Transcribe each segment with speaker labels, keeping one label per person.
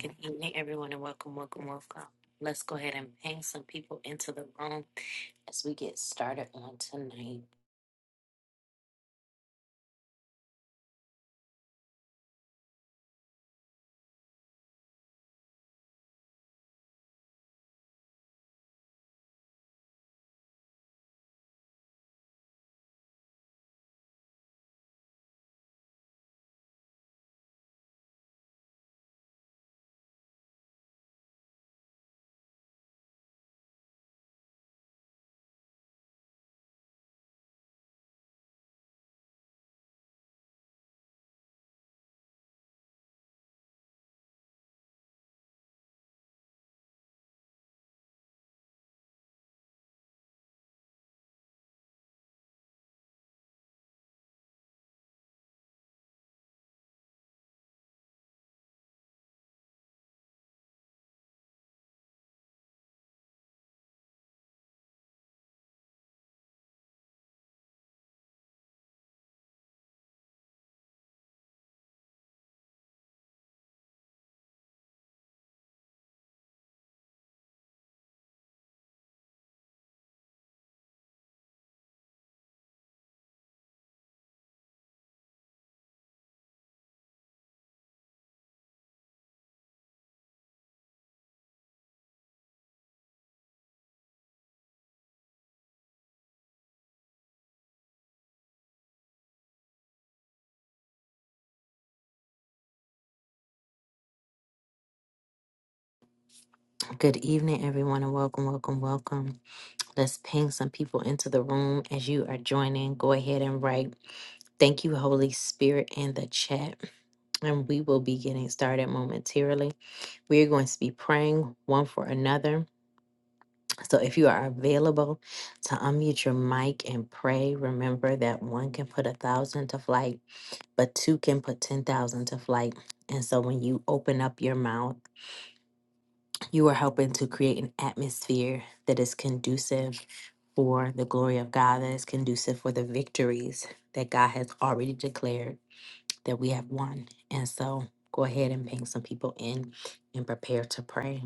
Speaker 1: Good evening, everyone, and welcome, welcome, welcome. Let's go ahead and ping some people into the room as we get started on tonight. Good evening, everyone, and welcome, welcome, welcome. Let's ping some people into the room as you are joining. Go ahead and write, Thank you, Holy Spirit, in the chat, and we will be getting started momentarily. We are going to be praying one for another. So if you are available to unmute your mic and pray, remember that one can put a thousand to flight but two can put 10,000 to flight. And so when you open up your mouth, you are helping to create an atmosphere that is conducive for the glory of God, that is conducive for the victories that God has already declared that we have won. And so go ahead and bring some people in and prepare to pray.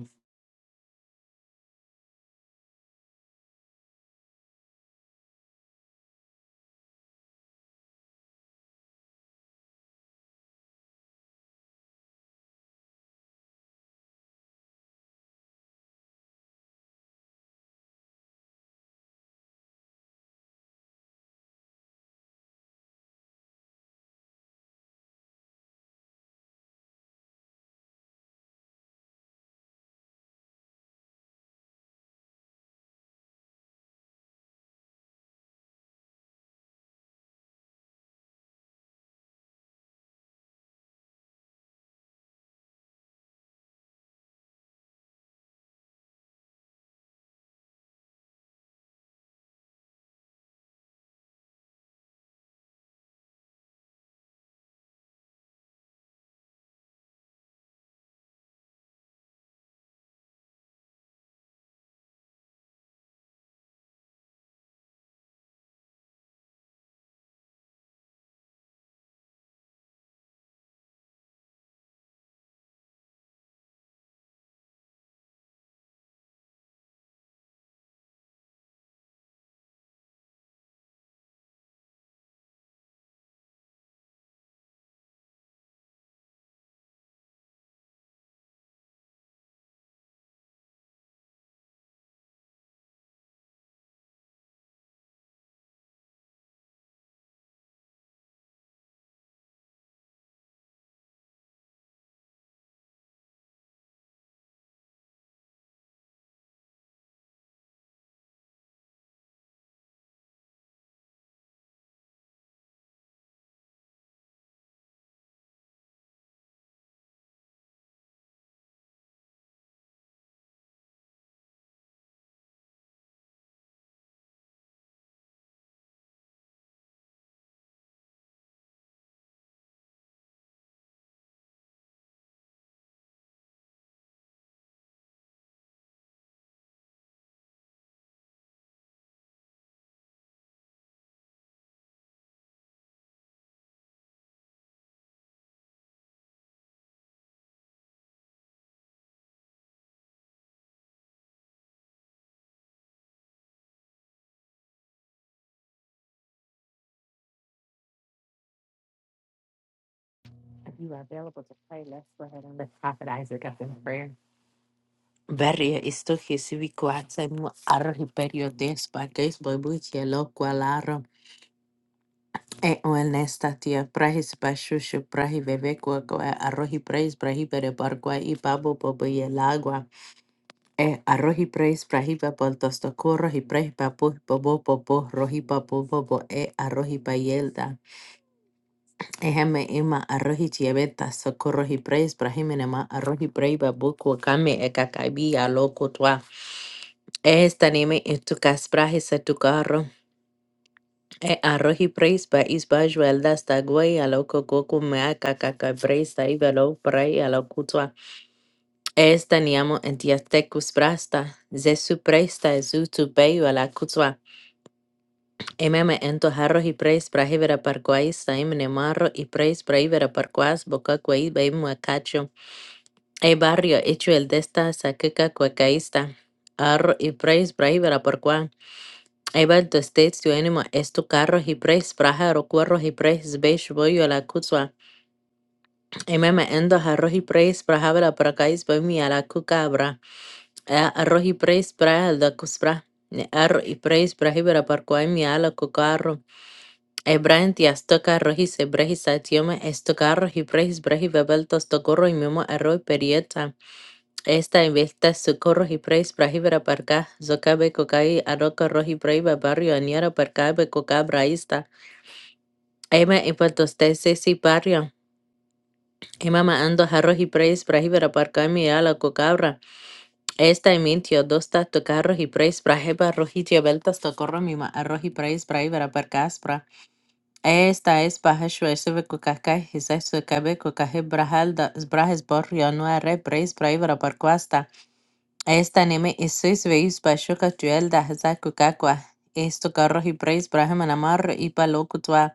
Speaker 1: If you are available to pray, let's go ahead and lift Prophet Isaac up in prayer. Verje isto Jesu vi kuatsa mu arhi perio despa kesbo buche E o en esta tía prahis bashushu prahi bebekua goa arroji praise prahi bere bargua i babo bobo y el agua. E arroji praise prahi babol tostocurro y prahi papu bobo bobo roji babu bobo e arroji bayelda. E heme ima arroji chiaveta socorro y praise prahi menema arroji prahi babu kua kame e kakabi a loco tua. E esta neme en tu cas E arroz y praise ba is ba juelda sta guay a lo coco mea cacaca bresta y velo pray a lo cutua. Esta niamo en tia tecus brasta. Zesu presta es utu beyu a la cutua. Ememe ento arroz y praise pra hivera parquais taim nemarro y praise pra hivera parquas boca guay beimu acacho. E barrio hecho el desta saqueca cuacaísta. Arro y praise pra hivera Able to states to anima estu carro y praise praja rocuerro y praise beish boyo la cutua. Ememe endo arroz y praise praja la pracais bomi a la cucabra. Arroz y praise praja la cuspra. Arro y praise prajibera parquaimi a la cucarro. Ebrain tias toca rojis ebrejis satiome estocarro y praise brejibebeltos tocorro y memo arroz perieta. Esta investa socorro y praise prajibera parca. Zocabe cocai aroca roji praiba barrio aniara parcabe cocabra Amen. En Puerto Usted, Ceci Barrio. Emma Maando, Jarros y Preis, Brahibera, Parcami, Ala, Cocabra. Esta y Mintio, Dosta, Tocarros y Preis, Braheba, Rojitio, Beltas, to Tocorro, Mima, Arroz y Preis, Brahibera, Parcaspra. Esta es Bajeshua, Seve, Cocasca, Gisas, Socabe, Cocaje, Brajalda, Brajes, Borrio, Nuare, Preis, Brahibera, Parcuasta. Esta neme isis veis bashuka tuel da hasa kukakwa. Esto carro y preis brahem anamar y palo cutua.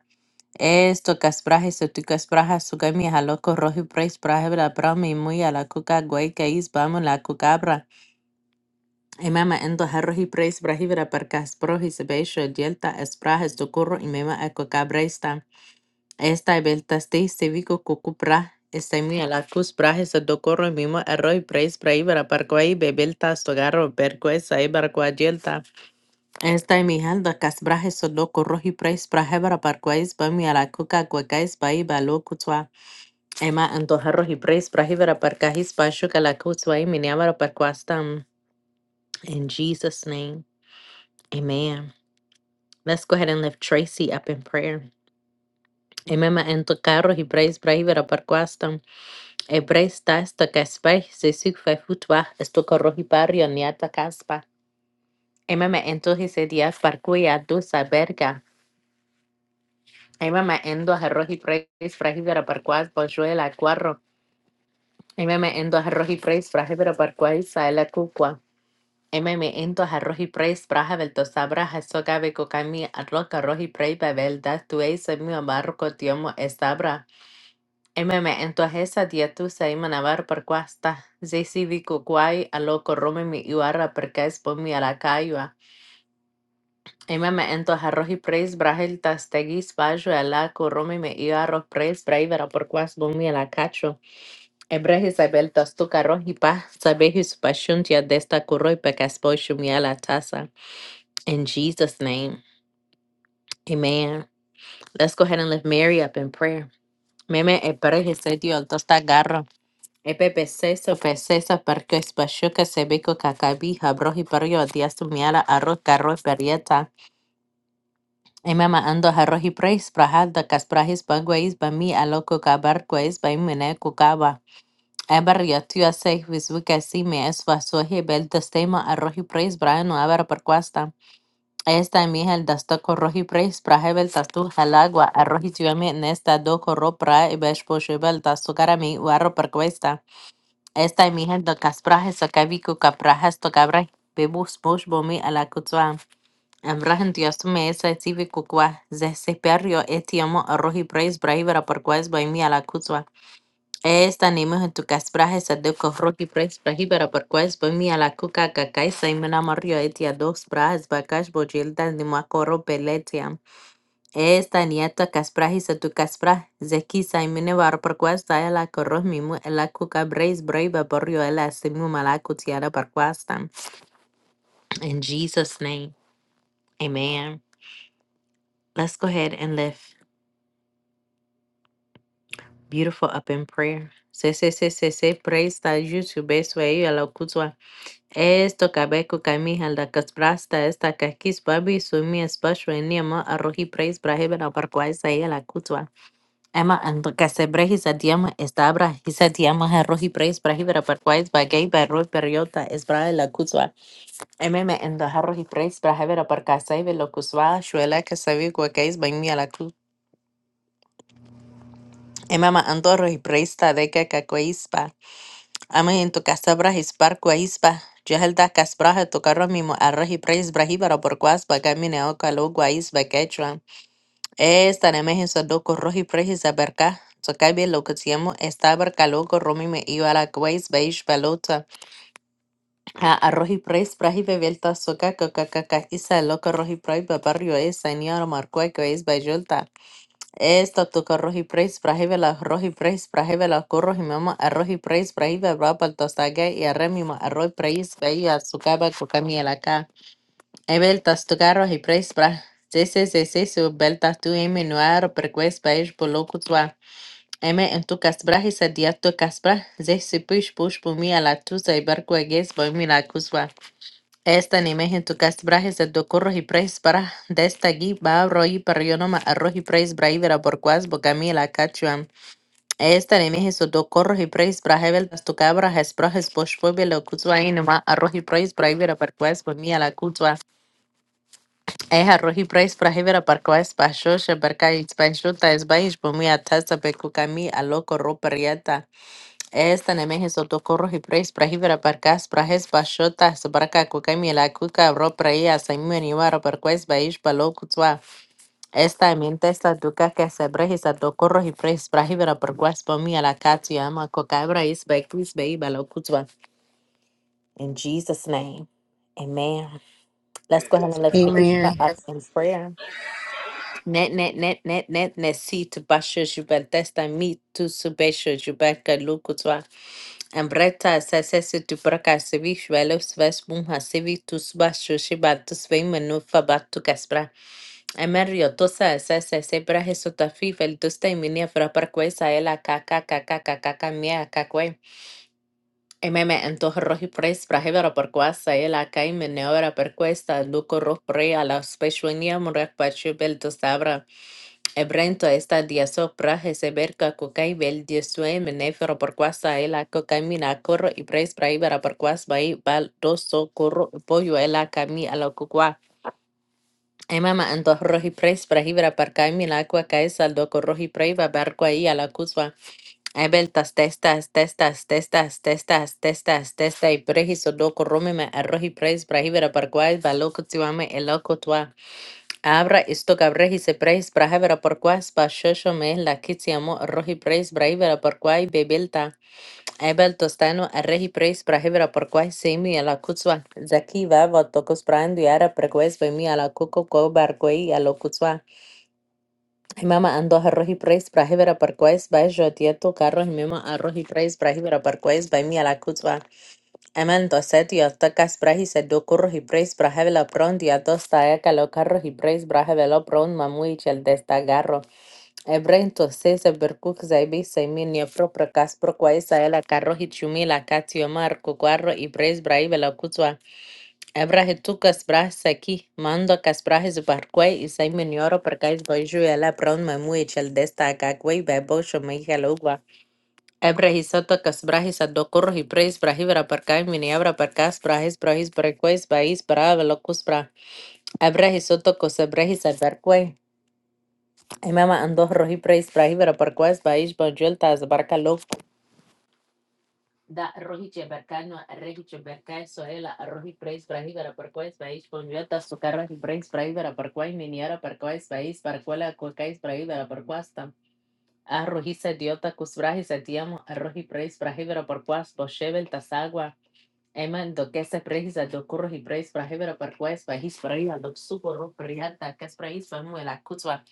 Speaker 1: Esto caspraje se tu caspraja su gami halo corroji pres praje bra brami muy a la cuca guay que is bamo la cucabra. Y mama endo harroji pres braji bra per casproji se beisho dielta espraje su curro y mema a cucabra esta. Esta belta ste se vico cucupra. Esta muy a la cus praje se do corro y mimo arroji pres braji bra per guay bebelta stogarro per guay sa e bar guay yelta. Está mi handa casbraje soloco roji prais brajebra parquais bami a la coca guacais bai balo cutua. Emma antoja roji prais brajebra parcajis bashuka la cutua y miniabra parquastam. In Jesus' name, amen. Let's go ahead and lift Tracy up in prayer. Emma ento carro y prais brajebra parquastam. E prais tasta caspai se sig fe futua esto corroji pario niata caspa. Emma ento hisedia parquia dos alberga. Aima me endo a arroz y preis, frágil para parcuaz, pochuela, cuarro. Aima me endo a arroz y preis, frágil para parcuaz, saela cucua. Aima me endo a arroz y preis, braja del tosabra, jaso gabe cocami, arroz, arroz y preis, bebel, das tu eis, mi amarro, cotiomo, estabra. Aima me endo a esa día tu saima navar parcuasta. Zesi vi cucuay, alo corrome mi iuara, percaes por mi aracayua. Imam me entos arroz y preis brahel tastegis bajo ala corome me iba arroz preis braivera por quas bumi la cacho. Ebrehis abel tastuc arroz y pa sabehis paschuntia desta corro y pecas pochumia la tasa. In Jesus' name, amen. Let's go ahead and lift Mary up in prayer. Meme ebrehis setio al tosta garro. Epepe seso pe seso perque spachuca sebeco cacabi habrohi perio diastumiala arroz carro perieta. Aima ando harrohi praise prahal da kasprahis bagwais ba mi aloko kabar kwais ba imene kukaba. Ebar yatua seh visvuka si me es vasohi bel testema arrohi praise brahano abar perquasta. Esta mi hel dastoko rohi praise prahebel tastu halagua arrohi tuame nesta doko ro pra ibesh poshebel tastukarami uarro perquesta. Esta mi hel da kasprahes sakaviku kaprahes to kabra bebus bosh bomi ala kutsua. Emrah entusiasme esa estivi kukwa zehseperio etiamo arroji preis brahibara parquais baimi a la Esta nime en tu caspraje sadeko roji preis brahibara parquais baimi a kuka kakai saimena mario etia dos brajas bakash bojilda nimakoro peletia. Esta nieta caspraje sa tu caspra zeki saimene bar parquais daya la corro mimu la kuka breis brahiba barrio ela simu malakutiara parquastam. In Jesus' name, amen. Let's go ahead and lift Beautiful up in prayer. Se se se se se presta YouTube swayo la kutwa. Esto kabeku kamihal da kasprasta esta kakis babi sumi espasho eniama arrohi praise braheben aparquaisa y la kutwa. Emma and kasebrehi satiama estabra hisatiama arrohi praise braheben aparquais bagay barro periota esbra la kutwa. Emma endo arrohi praise braheben aparquaisa y lo kutwa shuela kasavi kwakais bami la kutwa. Emma and arrohi praise ta de kakakoispa. Amén. Tu casabra hispar guaisba. Jehelda casbraja tu carro mimo arroji preis brahibara por guasba gamine o calo guaisba quechua. Esta nemeje sodoco roji preis aberca. Socabe lo que siamo estabar caloco romime iwara guaisba ishbalota. A Arrohi preis brahibe velta soca coca caca isa loco roji praiba barrio es señor marcua guaisba yolta. Esto tu rohi praise prahive la rohi praise prahive la corro y mama a rohi praise prahive rapa el tostague y a remima a rohi praise veía su caba cocami el acá. Ebel tas toca rohi praise pra. Sese sese su beltas tu eme noar perques país boloco tua. Eme en tu casbra y sadia tu casbra. Zese push push pumi a la tusa y barco agues boimi la cusua. Esta anime hen tu cast brajes de do curros y preis para de esta gui va roi para yo noma arroz y preis braivera por cuas bo cachuan. Esta anime hen su do corros y preis brajevel das tu cabra jes brajes posh puebe lo cutua y noma arroz y preis braivera por cuas bo mía la cutua. Es arroz y preis braivera por cuas pa shoshe berca y spanchuta es baish bo mía tasa becu a loco ro Esta neme heso tocorros y preis prahibra parcas prajes bachotas barca cuca mila cuca bro praia saimio nivaro perquais baish palo cutua. Esta mente esta duca que se brejis tocorros y preis prahibra perquais pomi a la catu ama cuca brais baikis bei balo cutua. In Jesus' name. Amen. Let's go ahead and lift the
Speaker 2: Amen.
Speaker 1: up in prayer. Net net net net net net si tu basho jubel testa mi tu subesho jubel kalu kutwa. Ambreta sasese tu braka sevi shvelo sves bum hasevi tu subasho shiba tu svei menu fabat kaspra. Emerio tosa sase sebra hesotafi vel tosta iminia fra parque saela kaka kaka kaka kamia kakwe. Ememe entoh rohi pres brahevera parqua saela kai meneora perquesta luco roh pre ala la speshuenia murak pachu bel tosabra. Ebrento esta dia sopra heseberka kukai bel dia menefero por quasa ela kukai mina corro y pres praibera por quas bai bal doso corro pollo ela kami ala kukwa. Emama anto rohi pres praibera por kai mina kwa kai saldo corro y praiba barco ahí ala kuswa. Ebel tas testas testas testas testas testas testa y prejiso do corrome me arrohi pres praibera por quas balo kutsiwame ela kutwa. Abra isto gabra hise preis brahevera porqua spa shosho me la kitiamo rohi preis brahevera porqua bebelta ebel tostano rehi preis brahevera porqua semi ala kutswa zaki vava tokos prando yara prequest by mi ala kuko ko barquei ala kutswa mama ando a rohi preis brahevera porqua by jotieto carro mema a rohi preis brahevera porqua by mi ala kutswa Emando setiu atkas brahisėdų kurhi prais brahevela prūndi atostaię kalokarhi prais brahevelo prūn mamuichel dėsta garro. Ebrento sėsę berkuk žai bėsai menio prūkai kas prokui saėla karhi tiumi la katiu marko karro iprais brai velo kūtua. Ebrahetukas brai saiki mano kas brajesu parkui isai menioro prūkai džiujėla prūn mamuichel dėsta aką kui bėbosu meni kaluva. Ebrahis sotakas brahis adokur hibres brahivra parkai miniabra parkas brahis brahis braquais bais brava locus bra. Ebrahis sotokos ebrahis adverque. Emama andos rohibres brahivra parquas bais bonjultas barca loc. Da rohiche bercano rehiche bercae soela rohibres brahivra parquais bais bonjultas sucarra hibres brahivra parquai miniara parquais bais barquela cuacais brahivra parquasta. Arrojiza diota cus brahis atiamo arroji preis brahivra parquas boshevel tasagua. Amen. Do que se precisa do curro y preis para hebra para cues para his para ir do suco ro priata que es para his para muela cutsua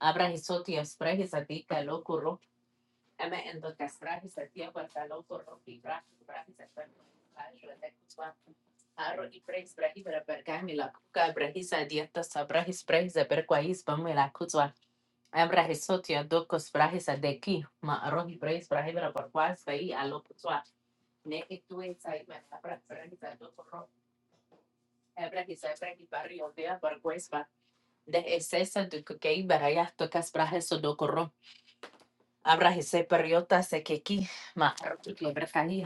Speaker 1: abra his oti es para his a ti que lo curro. Amen. En do que es a ti para que lo curro y para para his a para ayuda de Arro y preis para hebra para que cuca para his a dieta sabra his para a para cues para muela cutsua. Abra his oti do cos para his a de Ma arro y preis para hebra para cues para ir lo cutsua. Ne que tú es ahí para para his a do curro. Hebrew Hebrew barrio dia barguesba de esesa du kukei baraya tokas brajes o dokoro. Abra hise periota se keki ma lebra kahi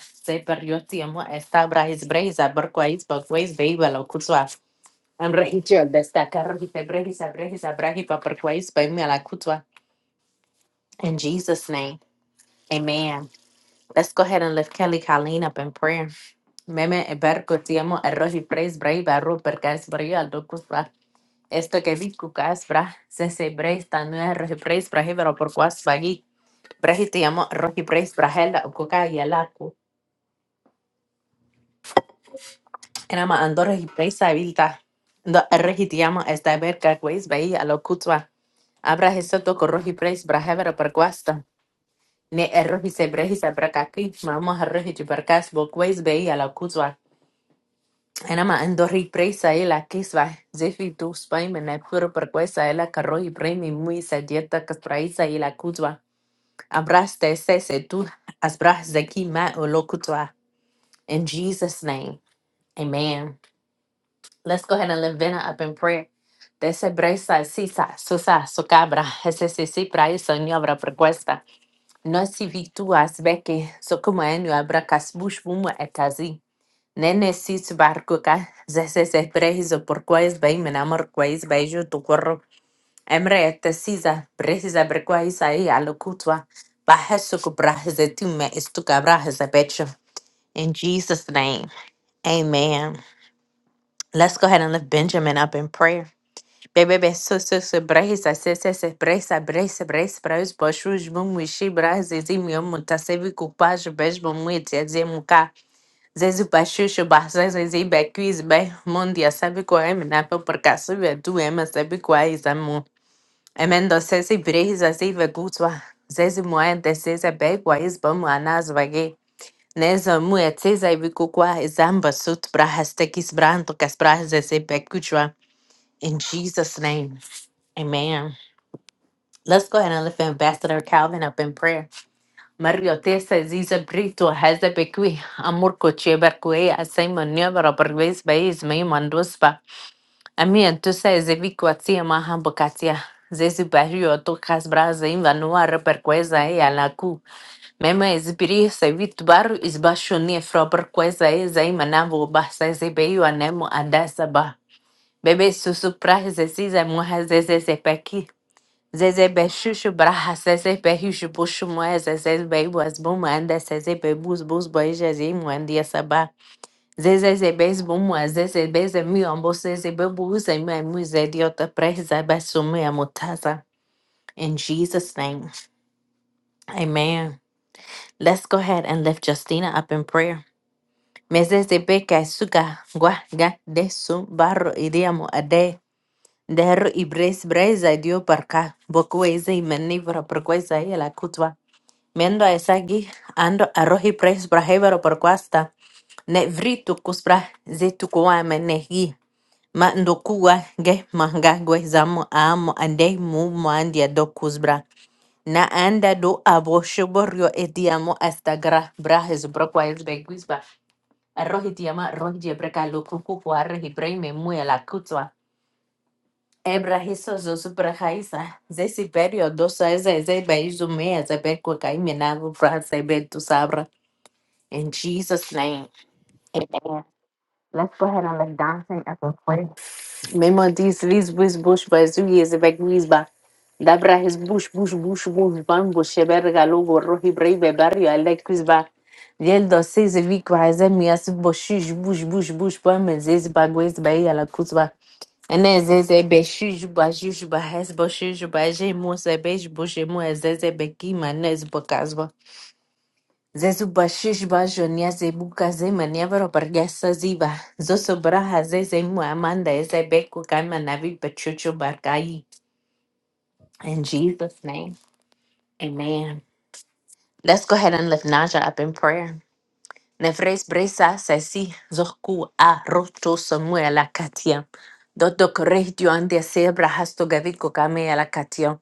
Speaker 1: se perioti esta brahis breza barquais bagwais beiba lo kutswa. destacar hise brehis abrehis abrahi paparquais la kutswa. In Jesus' name, amen. Let's go ahead and lift Kelly Colleen up in prayer. Meme eberko tiamo arrohi praise brave arro perkais brio al dokus Esto que vi kukas bra se se breis ta nu rohi breis brahi vero por kuas bagi brehi te llamo rohi breis brahela u kuka y alaku era ma ando rohi breis habilita do rohi te llamo esta ver ka kuis bai a lo kutwa abra eso to ko rohi breis brahe vero por kuasta ne el rohi se brehi se braka ki mamo a rohi tu perkas bo kuis bai a lo kutwa era ma ando rohi breis a kiswa zefi tu spai me ne puro por kuis a la ka rohi brei mi muy sa dieta kas braisa y kutwa Abraste sese tu asbras zeki ma olokutwa. In Jesus' name, amen. Let's go ahead and lift Vena up in prayer. Dese bresa sisa susa socabra esese si praisa ni abra prequesta. Nosi victuas beke sokuma enu abra casbush bumu etazi. Nene sis barcuca zese se prehizo por quais bem menamor quais beijo tu Emre brehisa berquaisa alokutwa bahesuku brahizetume istuka In Jesus' name, amen. Let's go ahead and lift Benjamin up in prayer. Bebebe so so so brehisa se se se brehisa brehisa brehisa brehis boshuj mum wishi brahizizim yom mutasevi kupaj bej bumwit yazemuka. Zezu bashushu bahzezezi bequiz be mundia sabi kwa emina pe percasuve tu ema sabi kwa izamu. Amen. sesi brehiza zive gutwa. Zezi muende seze begwa izbamu anazvage. Neza muya tseza ivikukwa izamba sut brahastekis branto kasbrahize se bekuchwa. In Jesus' name. Amen. Let's go ahead and lift Ambassador Calvin up in prayer. Mario Tessa Ziza Brito has a bequi, Amurko Cheberque, Asai Manuva, Robert Ways by Ismay Amém. Tu sais, eu vi kuatia mahamba katia. Zezi barrio tokas brasa invanuara per coisa e alaku. Mema esbiri se vit baru isbashonie fro per coisa e zaimanavo basa zebeio anemo adasa ba. Bebe susu prahe zeziza muha zezeze peki. Zeze beshushu braha zeze behishu bushu moe zeze beibu as buma anda zeze bebus bus boija zimu andia sabah. Zezé bez bumwa, zezé bez mi amboseze bebuze me mutaza. In Jesus' name, amen. Let's go ahead and lift Justina up in prayer. Mezezebe beka suga gua ga de su barro idiamo ade. Derro ibres breza dio parca. Bocueze y menivra perqueza y la cutwa. Mendo esagi ando arroji pres brahevero perquasta. Ne vritu cuspra zetu kuame Ma ndukugwa nge mangagwe zamu amo ande mu mandia do kuzbra. Na anda do abo shoborio etiamo hasta gra brajes brokwa es beguizba. Arroji tiama roji ebreka lo kuku kuarre hibreme muya la kutswa. Ebra hiso zo supra jaisa. Ze siperio dosa eza eze baizu mea ze berkwa kaimenago fra tu sabra. In Jesus name. Let's go ahead and let's dance and Même en dis, lis bush bazu yes bag wisba. Dabra his bush bush bush bush bam bush e berga logo rohi brave barrio alek Yel do seis vic wise mi as bush bush bush bam zez bagwez bay a la kuzba. And then zeze be shuj bashuj bahas bushish baje mo se beige bush mo zeze beki manes bokazba zezubashishba zonia zebuka zema niavaro pargasa ziva zosobraha zezemu amanda ezebeku kama navi pachucho barkai in jesus name amen let's go ahead and lift naja up in prayer nefres bresa sesi zoku a roto samuela katia Dotto corregio andia sebra hasto gaviko kame ala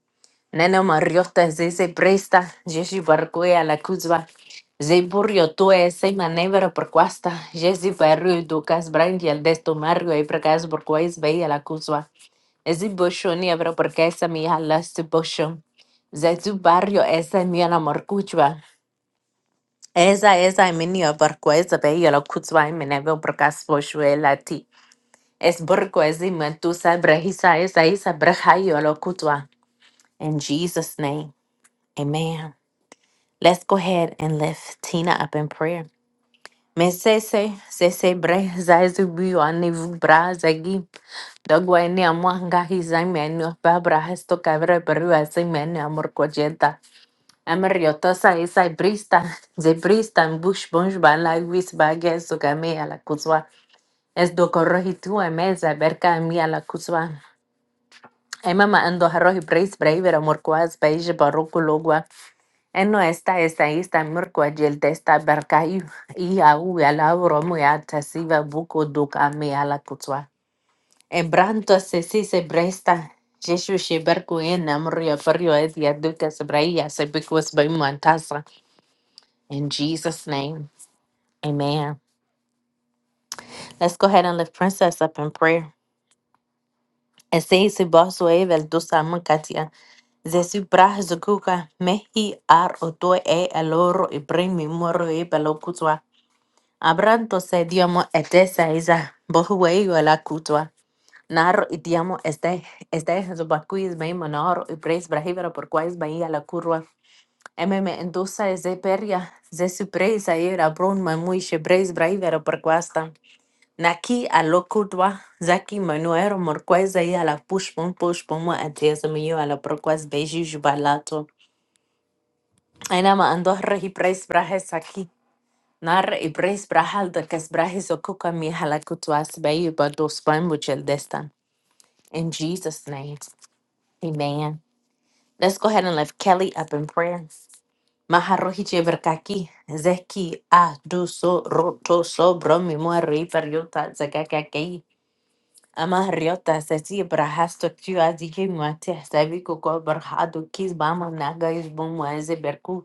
Speaker 1: Nena Mariota Zeze Presta, Jesu Barcuea La Cuzba, Zeburio Tue, Se Manevra Perquasta, Jesu Barrio Ducas Brandi al Desto Mario e Pregas Borquais Veia La Cuzba, Ezi Boshoni Abra Perquesa Mia Laste Boshon, Zezu Barrio Esa Mia La Morcuchba, Esa Esa Minia Barquesa Veia La Cuzba, Menevra Percas Boshuela Ti, Es Borco Ezi Mantusa Brehisa Esa Isa Brehaio La Cuzba. In Jesus' name, amen. Let's go ahead and lift Tina up in prayer. Mesese, sese bre, zaizu anivu bra zagi. Dogwa ini amuanga hizai babra hesto cabre peru asai amor coyeta. Ameriotosa isai brista, ze brista bush bunch bala vis bagues so a la kuzwa. Es do corrojitu emeza berca mí a la kuzwa. Emma ando harrohi brace braver amor quas beige barroco Eno esta esta esta mirkwa jel testa berkayu iya u ala uromu ya tasiva buko duka me ala kutwa. E branto se si se bresta. Jesu she berku en amru ya ferio es se bikwas by muantasa. In Jesus name, amen. Let's go ahead and lift Princess up in prayer. E se se evel dusa munkatia. Zesu brah zukuka mehi ar oto e aloro ibrimi moro e balokutwa. Abrantose diamo etesa isa bohuéyo la kutwa. Naro y diamo este este es su bacuiz me monoro y preis brahibera por cuais bahía la curva. Emme endusa es de peria de su preis era brun mamuishe preis brahibera por cuasta. Naki a lo kutwa zaki manuero morquais ahí a la pushpon pushpon mo atiesa me yo a la por cuais beji jubalato. Enama andos regi preis brajes aquí. Nar ibres brahal da kas brahis okuka mi halakutuas beyu bados bun destan. In Jesus' name, amen. Let's go ahead and lift Kelly up in prayer. Maharohi jeverkaki, zeki a du so roto so bromi muari periota zakakakei. Amahariota sesi brahasto tu azike muate savi koko berhado kis bama naga is bumu eze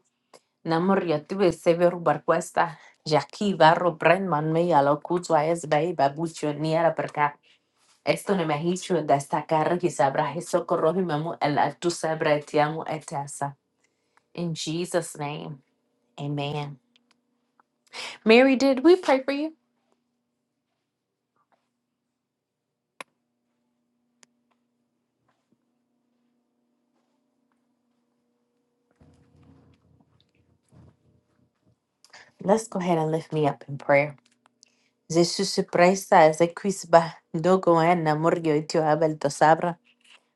Speaker 1: Namor yatube sever barquesta. Jaki varro brandman me yalo kutwa es bay babucho niera perca. Esto ne mehichu destacar que sabra socorro mamu el altu sabra etiamu etasa. In Jesus' name, amen. Mary, did we pray for you? Let's go ahead and lift me up in prayer. Jesus Christ, as a quisba, dogo en namor yo itio abel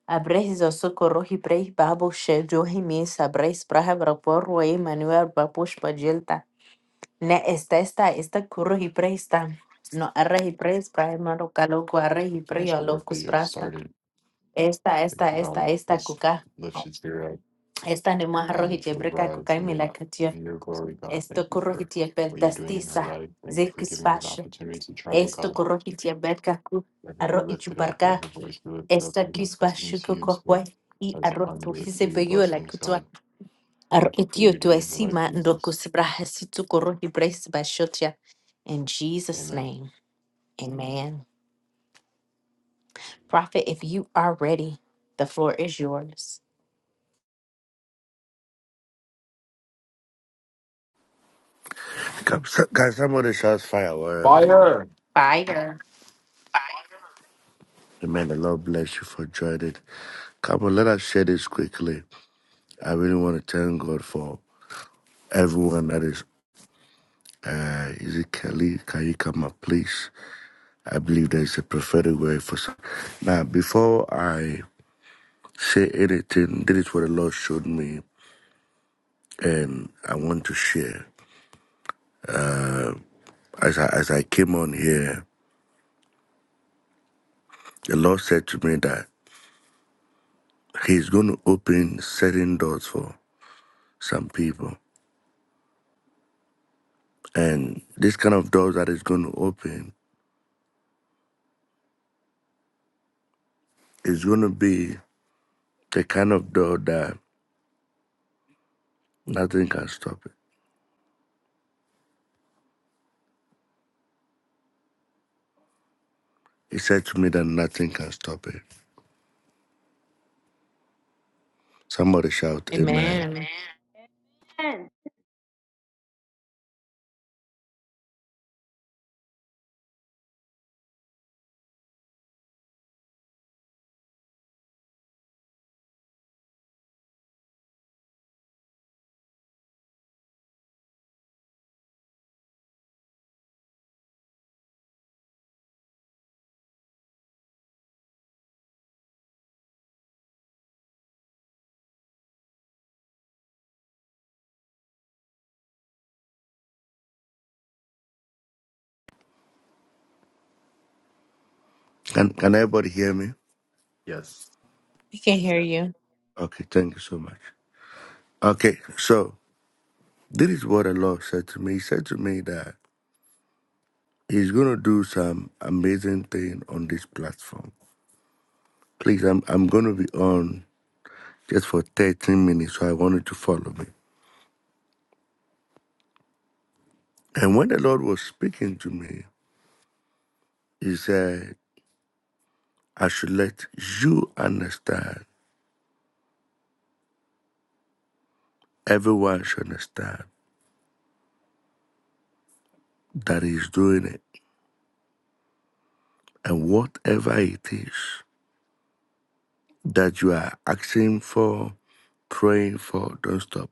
Speaker 1: Abres o socorrohi pres babo shejohi misa bres braha rapor Emmanuel babush pajelta. Ne esta esta esta currohi presta. No arrehi pres braha maro caloco
Speaker 3: Let's
Speaker 1: arrehi
Speaker 3: Finish
Speaker 1: prio
Speaker 3: the work that
Speaker 1: locus
Speaker 3: you have
Speaker 1: prasta.
Speaker 3: started.
Speaker 1: Esta
Speaker 3: Thank
Speaker 1: esta
Speaker 3: you,
Speaker 1: esta
Speaker 3: God.
Speaker 1: esta
Speaker 3: Let's
Speaker 1: cuca.
Speaker 3: lift you to up.
Speaker 1: Esta ne
Speaker 3: I
Speaker 1: maharrohi
Speaker 3: we
Speaker 1: jebreca
Speaker 3: rise
Speaker 1: cuca y
Speaker 3: in your,
Speaker 1: milacatio.
Speaker 3: in your glory, God. Thank
Speaker 1: Esto
Speaker 3: you
Speaker 1: currohi
Speaker 3: for
Speaker 1: tiepel
Speaker 3: what you're doing in her
Speaker 1: tastisa.
Speaker 3: life. Thank you for
Speaker 1: Zirkis
Speaker 3: giving her the
Speaker 1: fashe.
Speaker 3: opportunity to travel,
Speaker 1: Esto
Speaker 3: God.
Speaker 1: currohi tieberca cu.
Speaker 3: Let her be
Speaker 1: Arro
Speaker 3: lifted up.
Speaker 1: ichuparca.
Speaker 3: Let her voice be lifted up
Speaker 1: Esta
Speaker 3: and
Speaker 1: kisba
Speaker 3: continue to use
Speaker 1: kwa
Speaker 3: her
Speaker 1: kwa i
Speaker 3: as a
Speaker 1: arro tu
Speaker 3: conduit
Speaker 1: hise
Speaker 3: for your
Speaker 1: la
Speaker 3: blessings,
Speaker 1: kutwa
Speaker 3: God.
Speaker 1: arro
Speaker 3: Thank you for what
Speaker 1: etio
Speaker 3: you're
Speaker 1: tu
Speaker 3: doing in her life,
Speaker 1: esima ndoko
Speaker 3: Jesus.
Speaker 1: sibra hasitu koro hibres bashotia. In Jesus'
Speaker 3: Amen.
Speaker 1: name, amen. Prophet, if you are ready, the floor is yours.
Speaker 4: Come, so- guys, some shots fire wherever you are.
Speaker 3: Fire!
Speaker 1: Fire.
Speaker 4: And May the Lord bless you for joining. Come on, let us share this quickly. I really want to thank God for everyone that is. Uh, is it Kelly? Can you come up, please? I believe there's a prophetic word for some. Now, before I say anything, this is what the Lord showed me, and I want to share. As I, as I came on here, the Lord said to me that He's going to open certain doors for some people. And this kind of door that is going to open is going to be the kind of door that nothing can stop it. He said to me that nothing can stop it. Somebody shout, Amen. Amen.
Speaker 1: Amen.
Speaker 5: Amen.
Speaker 4: Can, can everybody hear me?
Speaker 3: Yes.
Speaker 1: We can hear you.
Speaker 4: Okay, thank you so much. Okay, so this is what the Lord said to me. He said to me that He's going to do some amazing thing on this platform. Please, I'm, I'm going to be on just for 13 minutes, so I want you to follow me. And when the Lord was speaking to me, He said, I should let you understand, everyone should understand that he's doing it. And whatever it is that you are asking for, praying for, don't stop.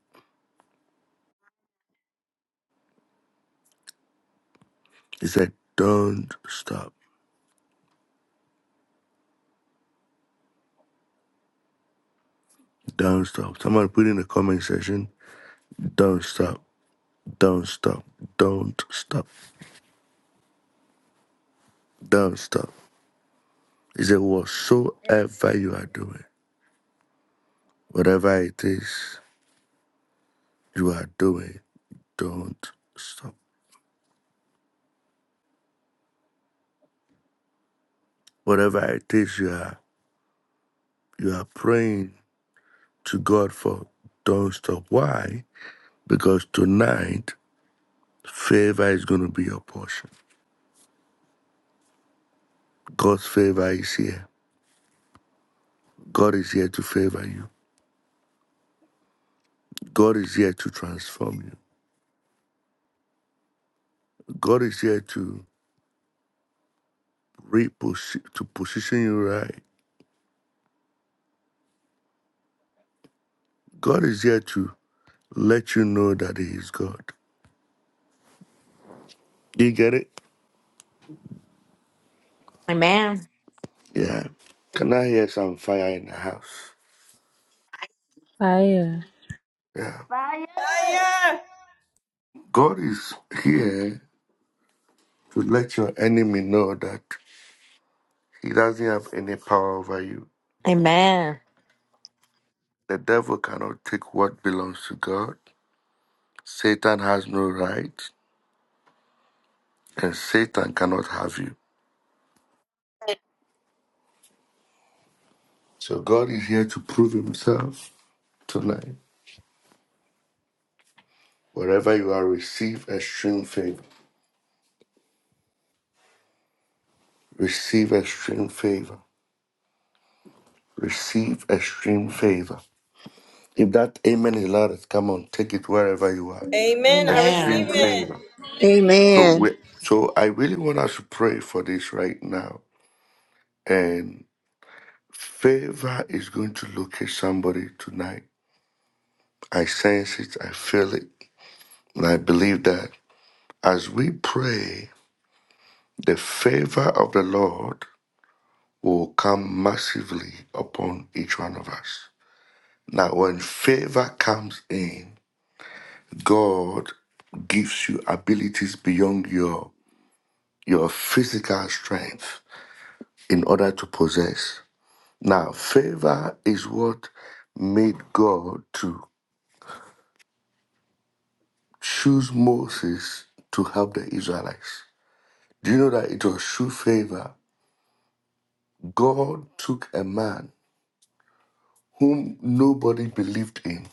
Speaker 4: He said, don't stop. Don't stop. Someone put in the comment section, don't stop. Don't stop. Don't stop. Don't stop. He said, whatsoever you are doing, whatever it is you are doing, don't stop. Whatever it is you are You are praying to God for don't stop. Why? Because tonight, favor is going to be your portion. God's favor is here. God is here to favor you. God is here to transform you. God is here to reposition, to position you right. God is here to let you know that He is God. Do you get it?
Speaker 1: Amen.
Speaker 4: Yeah. Can I hear some fire in the house?
Speaker 6: Fire.
Speaker 4: Yeah.
Speaker 5: Fire
Speaker 4: God is here to let your enemy know that He doesn't have any power over you.
Speaker 1: Amen.
Speaker 4: The devil cannot take what belongs to God. Satan has no right, and Satan cannot have you. So God is here to prove himself tonight. Wherever you are, receive extreme favor. Receive extreme favor. Receive extreme favor. If that amen is loudest, come on, take it wherever you are.
Speaker 7: Amen. I
Speaker 1: Amen.
Speaker 7: receive
Speaker 4: Extreme
Speaker 7: it.
Speaker 4: favor. So we,
Speaker 2: Amen.
Speaker 4: so I really want us to pray for this right now. and. Favor is going to locate somebody tonight. I sense it, I feel it, and I believe that as we pray, the favor of the Lord will come massively upon each one of us. Now, when favor comes in, God gives you abilities beyond your your physical strength in order to possess. Now, favor is what made God to choose Moses to help the Israelites. Do you know that it was true favor? God took a man whom nobody believed in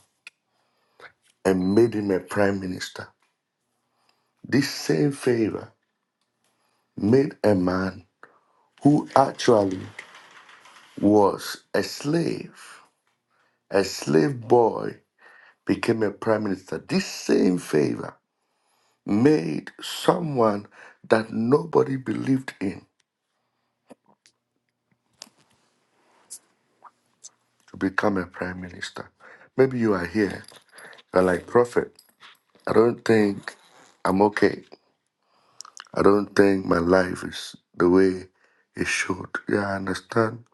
Speaker 4: and made him a prime minister. This same favor made a man who actually was a slave, a slave boy, became a prime minister. This same favor made someone that nobody believed in to become a prime minister. Maybe you are here And like prophet, I don't think I'm okay. I don't think my life is the way it should. Yeah, I understand.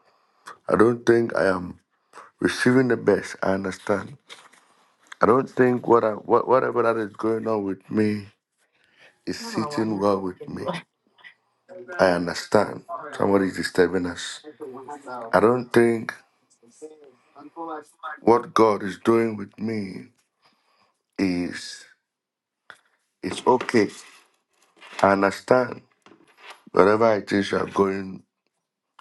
Speaker 4: I don't think I am receiving the best. I understand. I don't think what I what, whatever that is going on with me is sitting well with me. I understand. Somebody is disturbing us. I don't think what God is doing with me is it's okay. I understand. Wherever it is you're going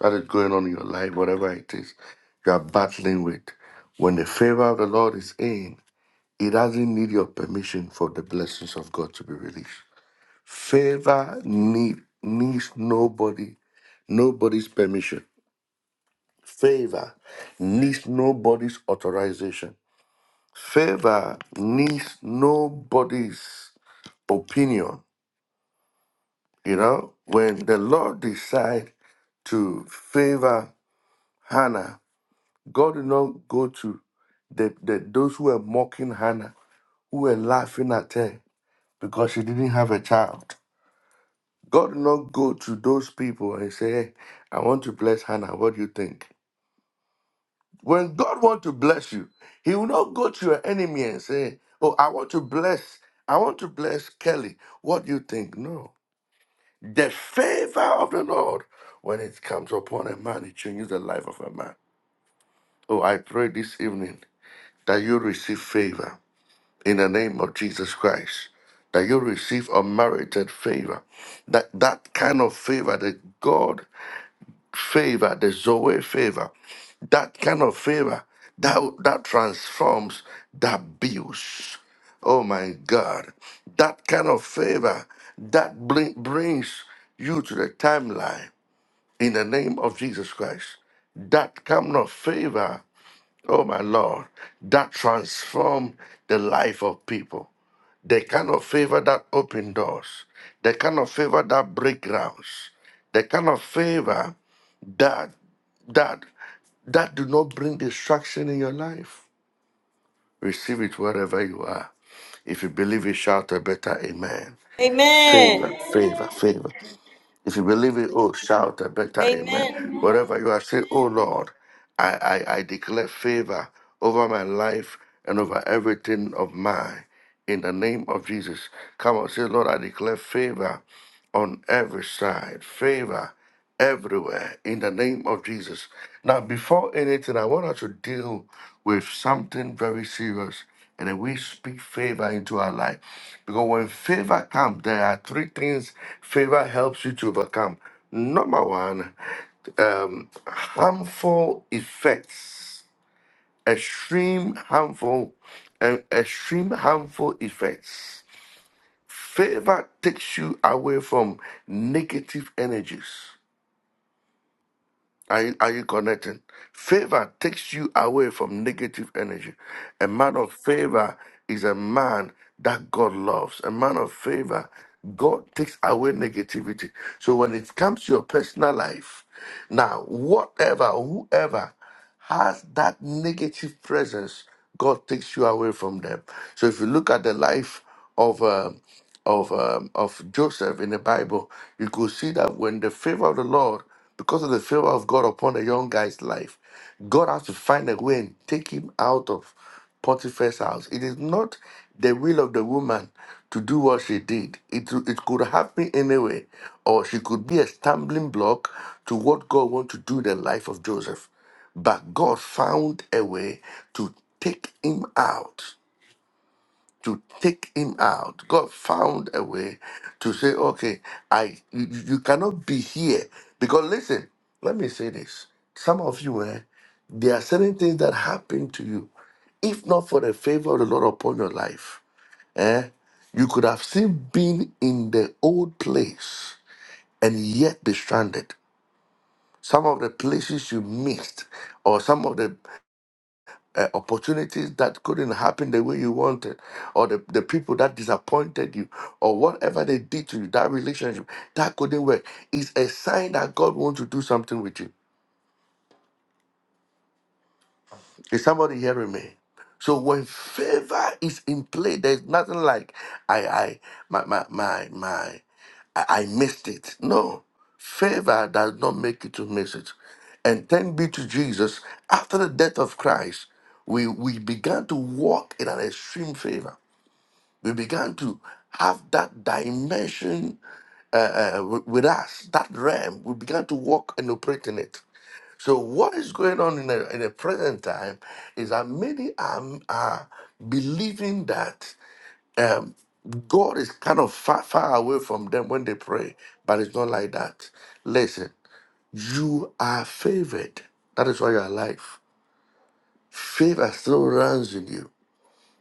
Speaker 4: that is going on in your life, whatever it is you are battling with. When the favor of the Lord is in, it doesn't need your permission for the blessings of God to be released. Favor need needs nobody, nobody's permission. Favor needs nobody's authorization. Favor needs nobody's opinion. You know, when the Lord decide to favor Hannah, God did not go to the, the those who were mocking Hannah, who were laughing at her because she didn't have a child. God did not go to those people and say, "Hey, I want to bless Hannah. What do you think? When God wants to bless you, He will not go to your enemy and say, Oh, I want to bless, I want to bless Kelly. What do you think? No. The favor of the Lord, when it comes upon a man, it changes the life of a man. Oh, I pray this evening that you receive favor in the name of Jesus Christ. That you receive unmerited favor. That that kind of favor, the God favor, the Zoe favor, that kind of favor that, that transforms, that builds. Oh my God. That kind of favor that bring, brings you to the timeline in the name of Jesus Christ. That kind of favor, oh my Lord, that transform the life of people the kind of favor that open doors, the kind of favor that break grounds, the kind of favor that that that do not bring destruction in your life. Receive it wherever you are. If you believe it, shout a better amen. Favor,
Speaker 7: Amen.
Speaker 4: favor, favor, if you believe it, oh, shout a better amen.
Speaker 7: Amen.
Speaker 4: Wherever you are, say, oh Lord, I, I, I declare favor over my life and over everything of mine. In the name of Jesus. Come on, say, Lord, I declare favor on every side, favor everywhere in the name of Jesus. Now, before anything, I want us to deal with something very serious. And then we speak favor into our life. Because when favor comes, there are three things favor helps you to overcome. Number one, um, harmful effects, extreme harmful, and extreme harmful effects. Favor takes you away from negative energies. Are you, are you connecting? Favor takes you away from negative energy. A man of favor is a man that God loves. A man of favor, God takes away negativity. So when it comes to your personal life, now, whatever, whoever has that negative presence, God takes you away from them. So if you look at the life of um of um, of Joseph in the Bible, you could see that when the favor of the Lord, because of the favor of God upon the young guy's life, God has to find a way and take him out of Potiphar's house. It is not the will of the woman to do what she did. It, it could happen anyway, or she could be a stumbling block to what God wants to do in the life of Joseph. But God found a way to take him out. To take him out. God found a way to say, okay, I you, you you cannot be here. Because listen, let me say this. Some of you, eh, there are certain things that happen to you. If not for the favor of the Lord upon your life, eh, you could have still been in the old place and yet be stranded. Some of the places you missed, or some of the uh, opportunities that couldn't happen the way you wanted, or the, the people that disappointed you, or whatever they did to you, that relationship that couldn't work, is a sign that God wants to do something with you. Is somebody hearing me? So when favor is in play, there's nothing like I I my my my my I, I missed it. No. Favor does not make you to miss it. And thank be to Jesus, after the death of Christ, we, we began to walk in an extreme favor. We began to have that dimension uh, uh, wi- with us, that realm. We began to walk and operate in it. So what is going on in the, in the present time is that many are, are believing that um, God is kind of far, far away from them when they pray, but it's not like that. Listen, you are favored. That is why you are alive. Favor still runs in you.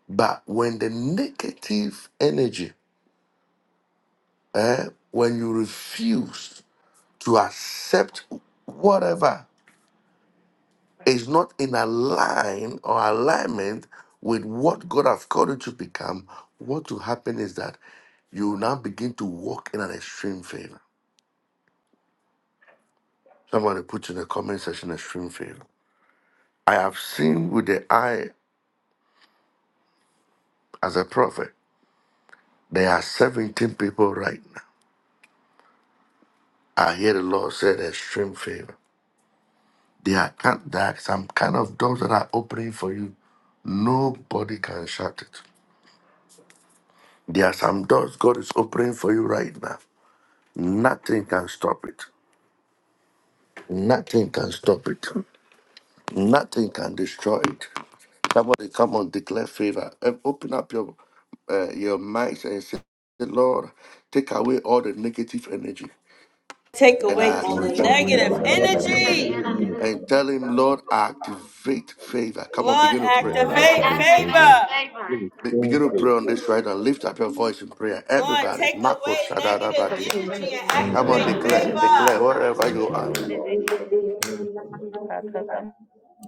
Speaker 4: But when the negative energy, eh, when you refuse to accept whatever is not in align or alignment with what God has called you to become, what will happen is that you will now begin to walk in an extreme favor. Somebody put in the comment section extreme favor. I have seen with the eye as a prophet. There are 17 people right now. I hear the Lord say extreme favor. There are, kind- there are some kind of doors that are opening for you. Nobody can shut it. There are some doors God is opening for you right now. Nothing can stop it. Nothing can stop it. Nothing can destroy it. Somebody come on, declare favor. Eh, Open up your uh, your minds and say, Lord, take away all the negative energy
Speaker 7: Take
Speaker 4: and
Speaker 7: away
Speaker 4: I
Speaker 7: all the
Speaker 3: Lord,
Speaker 4: activate,
Speaker 3: take
Speaker 8: Not
Speaker 3: away
Speaker 8: to
Speaker 3: all
Speaker 8: the
Speaker 3: the
Speaker 7: negative
Speaker 8: Lord,
Speaker 3: negative
Speaker 8: and never
Speaker 5: burn out
Speaker 3: energy.
Speaker 7: energy.
Speaker 8: feel anything.
Speaker 4: and tell him, Lord, I activate favor. Come on,
Speaker 7: Lord,
Speaker 4: begin to pray.
Speaker 3: Lord,
Speaker 7: activate
Speaker 3: activate
Speaker 7: favor.
Speaker 5: activates
Speaker 3: favor.
Speaker 5: favor.
Speaker 8: It is
Speaker 4: Be- begin
Speaker 8: going
Speaker 4: to
Speaker 8: to
Speaker 4: pray on this right now. Lift up your voice in prayer.
Speaker 7: Lord,
Speaker 4: Everybody,
Speaker 7: take
Speaker 4: Marco
Speaker 7: away negative
Speaker 5: Take
Speaker 4: Shadarabadia.
Speaker 7: energy and
Speaker 3: Thank
Speaker 4: Come
Speaker 3: you,
Speaker 4: on,
Speaker 7: activate
Speaker 3: Lord.
Speaker 4: declare, declare
Speaker 7: favor.
Speaker 4: wherever
Speaker 3: Thank
Speaker 4: you
Speaker 3: you,
Speaker 4: are.
Speaker 3: Lord.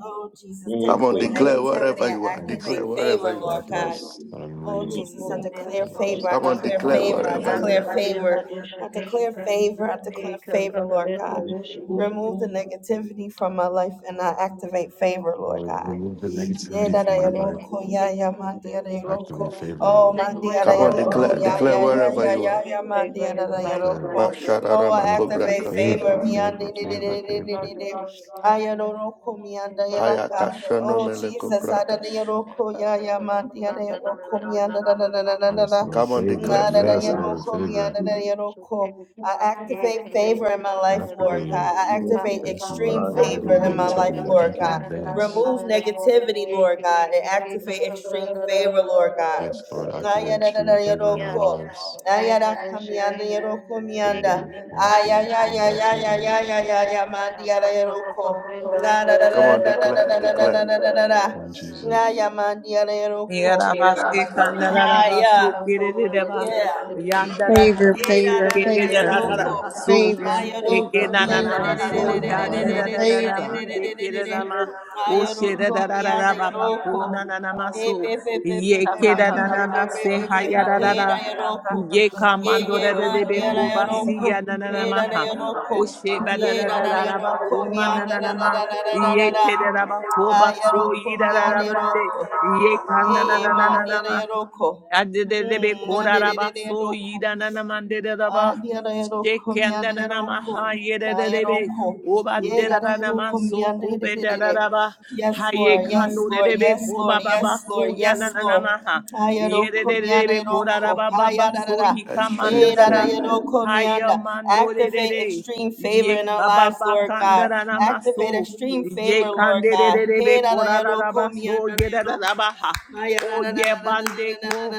Speaker 7: Oh, Jesus, take
Speaker 4: Come
Speaker 8: Game
Speaker 4: on,
Speaker 7: away
Speaker 8: favor.
Speaker 4: declare
Speaker 7: negativity
Speaker 4: wherever
Speaker 7: and
Speaker 4: you are.
Speaker 3: Almost.
Speaker 4: Declare
Speaker 7: activate favor,
Speaker 4: wherever you are.
Speaker 7: Lord God.
Speaker 3: miraculous that I'm
Speaker 7: Oh,
Speaker 8: Yes,
Speaker 3: reading.
Speaker 8: you
Speaker 7: Jesus, I
Speaker 8: know.
Speaker 7: declare
Speaker 3: Yeah, that's
Speaker 7: favor. I
Speaker 3: it.
Speaker 4: Come on,
Speaker 7: declare
Speaker 4: declare
Speaker 7: favor. I
Speaker 3: Um,
Speaker 4: wherever you are.
Speaker 7: declare favor. I declare favor. I declare favor, Lord God. Remove the negativity from my life and I activate favor, Lord
Speaker 3: Lord,
Speaker 7: God.
Speaker 3: remove the negativity
Speaker 7: Yeda
Speaker 3: from
Speaker 7: da
Speaker 3: my life.
Speaker 7: yoroko ya ya mandiada
Speaker 3: Activate
Speaker 7: yoroko.
Speaker 3: favor,
Speaker 7: Oh
Speaker 3: Lord.
Speaker 5: away
Speaker 7: mandiada
Speaker 4: Come
Speaker 5: all
Speaker 3: You
Speaker 4: on,
Speaker 5: the
Speaker 3: activate
Speaker 7: yoroko
Speaker 4: declare,
Speaker 5: obstacles and
Speaker 7: ya
Speaker 3: favor,
Speaker 4: declare
Speaker 3: Lord.
Speaker 7: ya ya
Speaker 4: wherever
Speaker 7: ya
Speaker 4: you
Speaker 7: ya
Speaker 4: are.
Speaker 7: ya
Speaker 5: activate favor
Speaker 7: mandiada
Speaker 5: in
Speaker 3: I declare
Speaker 7: yoroko.
Speaker 5: life.
Speaker 4: Mashadara
Speaker 7: Oh
Speaker 3: favor,
Speaker 4: makobra
Speaker 7: activate
Speaker 4: kashada.
Speaker 3: favor,
Speaker 7: favor
Speaker 5: and
Speaker 7: miandi
Speaker 3: favor,
Speaker 7: di di di
Speaker 5: has
Speaker 3: favor,
Speaker 7: di di
Speaker 5: become
Speaker 7: di
Speaker 3: favor.
Speaker 5: the
Speaker 7: di.
Speaker 5: Rosh
Speaker 7: Ayaroko
Speaker 5: in
Speaker 7: mianda
Speaker 4: Paya
Speaker 5: Kakatan
Speaker 7: yaraka.
Speaker 4: kashano
Speaker 7: Oh
Speaker 5: Kashi.
Speaker 4: mele
Speaker 7: Jesus ada
Speaker 4: kobratas.
Speaker 7: da yoroko ya ya mandiada yoroko mianda da da da da da da
Speaker 3: Yes,
Speaker 7: da.
Speaker 3: Lord,
Speaker 4: Come on,
Speaker 3: favor.
Speaker 7: Na
Speaker 4: declare
Speaker 7: da da
Speaker 4: favor.
Speaker 3: Yes, Lord,
Speaker 7: yoroko
Speaker 3: favor.
Speaker 7: mianda da yoroko. I activate favor in my life, Lord
Speaker 3: Activate
Speaker 7: God.
Speaker 3: it.
Speaker 7: I
Speaker 8: Yes,
Speaker 7: activate
Speaker 3: Thank you,
Speaker 7: extreme
Speaker 3: Lord,
Speaker 8: God,
Speaker 3: for
Speaker 7: favor
Speaker 3: removing the
Speaker 7: in
Speaker 8: favor
Speaker 7: my
Speaker 8: that.
Speaker 7: life,
Speaker 3: negativity. I
Speaker 7: Lord
Speaker 3: thank you in
Speaker 7: God.
Speaker 3: advance.
Speaker 7: Remove negativity, Lord God, and activate extreme favor, Lord God.
Speaker 3: Yes, Lord, activate extreme favor in our
Speaker 5: Yeah,
Speaker 7: Ayadadadayadoko.
Speaker 3: lives.
Speaker 7: Ayadakamiandayadoko
Speaker 8: But
Speaker 7: mianda.
Speaker 3: Unity,
Speaker 5: I
Speaker 3: one church, one baptism,
Speaker 7: Ayayayayayayayayaya
Speaker 5: I'm not
Speaker 7: mandiyadayadoko.
Speaker 5: afraid
Speaker 4: Come on, declare, declare.
Speaker 3: one Jesus.
Speaker 7: Nayamandiyalayadoko.
Speaker 9: Yerabasi
Speaker 7: Aya.
Speaker 9: Kandarabasu Kirideva
Speaker 7: Yeah.
Speaker 2: Favor,
Speaker 9: Yandarabasi
Speaker 2: favor, favor,
Speaker 3: Favor.
Speaker 9: Kiridarabasu
Speaker 2: favor, favor,
Speaker 3: I
Speaker 2: favor,
Speaker 3: activate favor
Speaker 9: Ekenanamasu
Speaker 3: in
Speaker 2: favor,
Speaker 3: my
Speaker 2: Lord.
Speaker 3: life.
Speaker 2: Favor,
Speaker 9: Yadaraman de Kiridama Ushidadarabakuna Nanamasu Yekedanamase Hayarada Ye kamando da da de be ko
Speaker 5: of
Speaker 9: ba si na na na ma ha.
Speaker 5: anything.
Speaker 9: O ba da da da da ba ko ma na na na ma. Ye te da da ba ko ba so yi da da da ba de. Ye ka na na na na na ma, Ade de na ma. Adedebe koraraba so yi da nanamande ba.
Speaker 7: Adieroko mianderoko
Speaker 9: Shekandananamahayedededebe.
Speaker 7: maeroko. Ye daderoko miandededede.
Speaker 9: Obadedanamasokobedadadaba.
Speaker 7: Yes, Lord. Yes, Lord.
Speaker 9: Hayekandodedebe
Speaker 7: Yes, Lord. Yes, Lord. Yes, Lord.
Speaker 9: kobababasoyanananamaha.
Speaker 7: Ayeroko
Speaker 9: Yedededebe
Speaker 7: mianderoko.
Speaker 9: kodarabababa
Speaker 7: Ayadadada.
Speaker 4: Extreme
Speaker 7: Ye
Speaker 9: soyikamandodada.
Speaker 4: favor.
Speaker 7: daderoko
Speaker 9: Ye
Speaker 7: mianda. Activate extreme favor in our lives, Lord God. Activate
Speaker 9: Yekababakandananamaso.
Speaker 7: extreme favor, Lord God.
Speaker 9: Yekandededebe
Speaker 7: Hey,
Speaker 9: kodararabaso yedadadabaha.
Speaker 7: Extreme
Speaker 9: Oh Ye yeah, ko.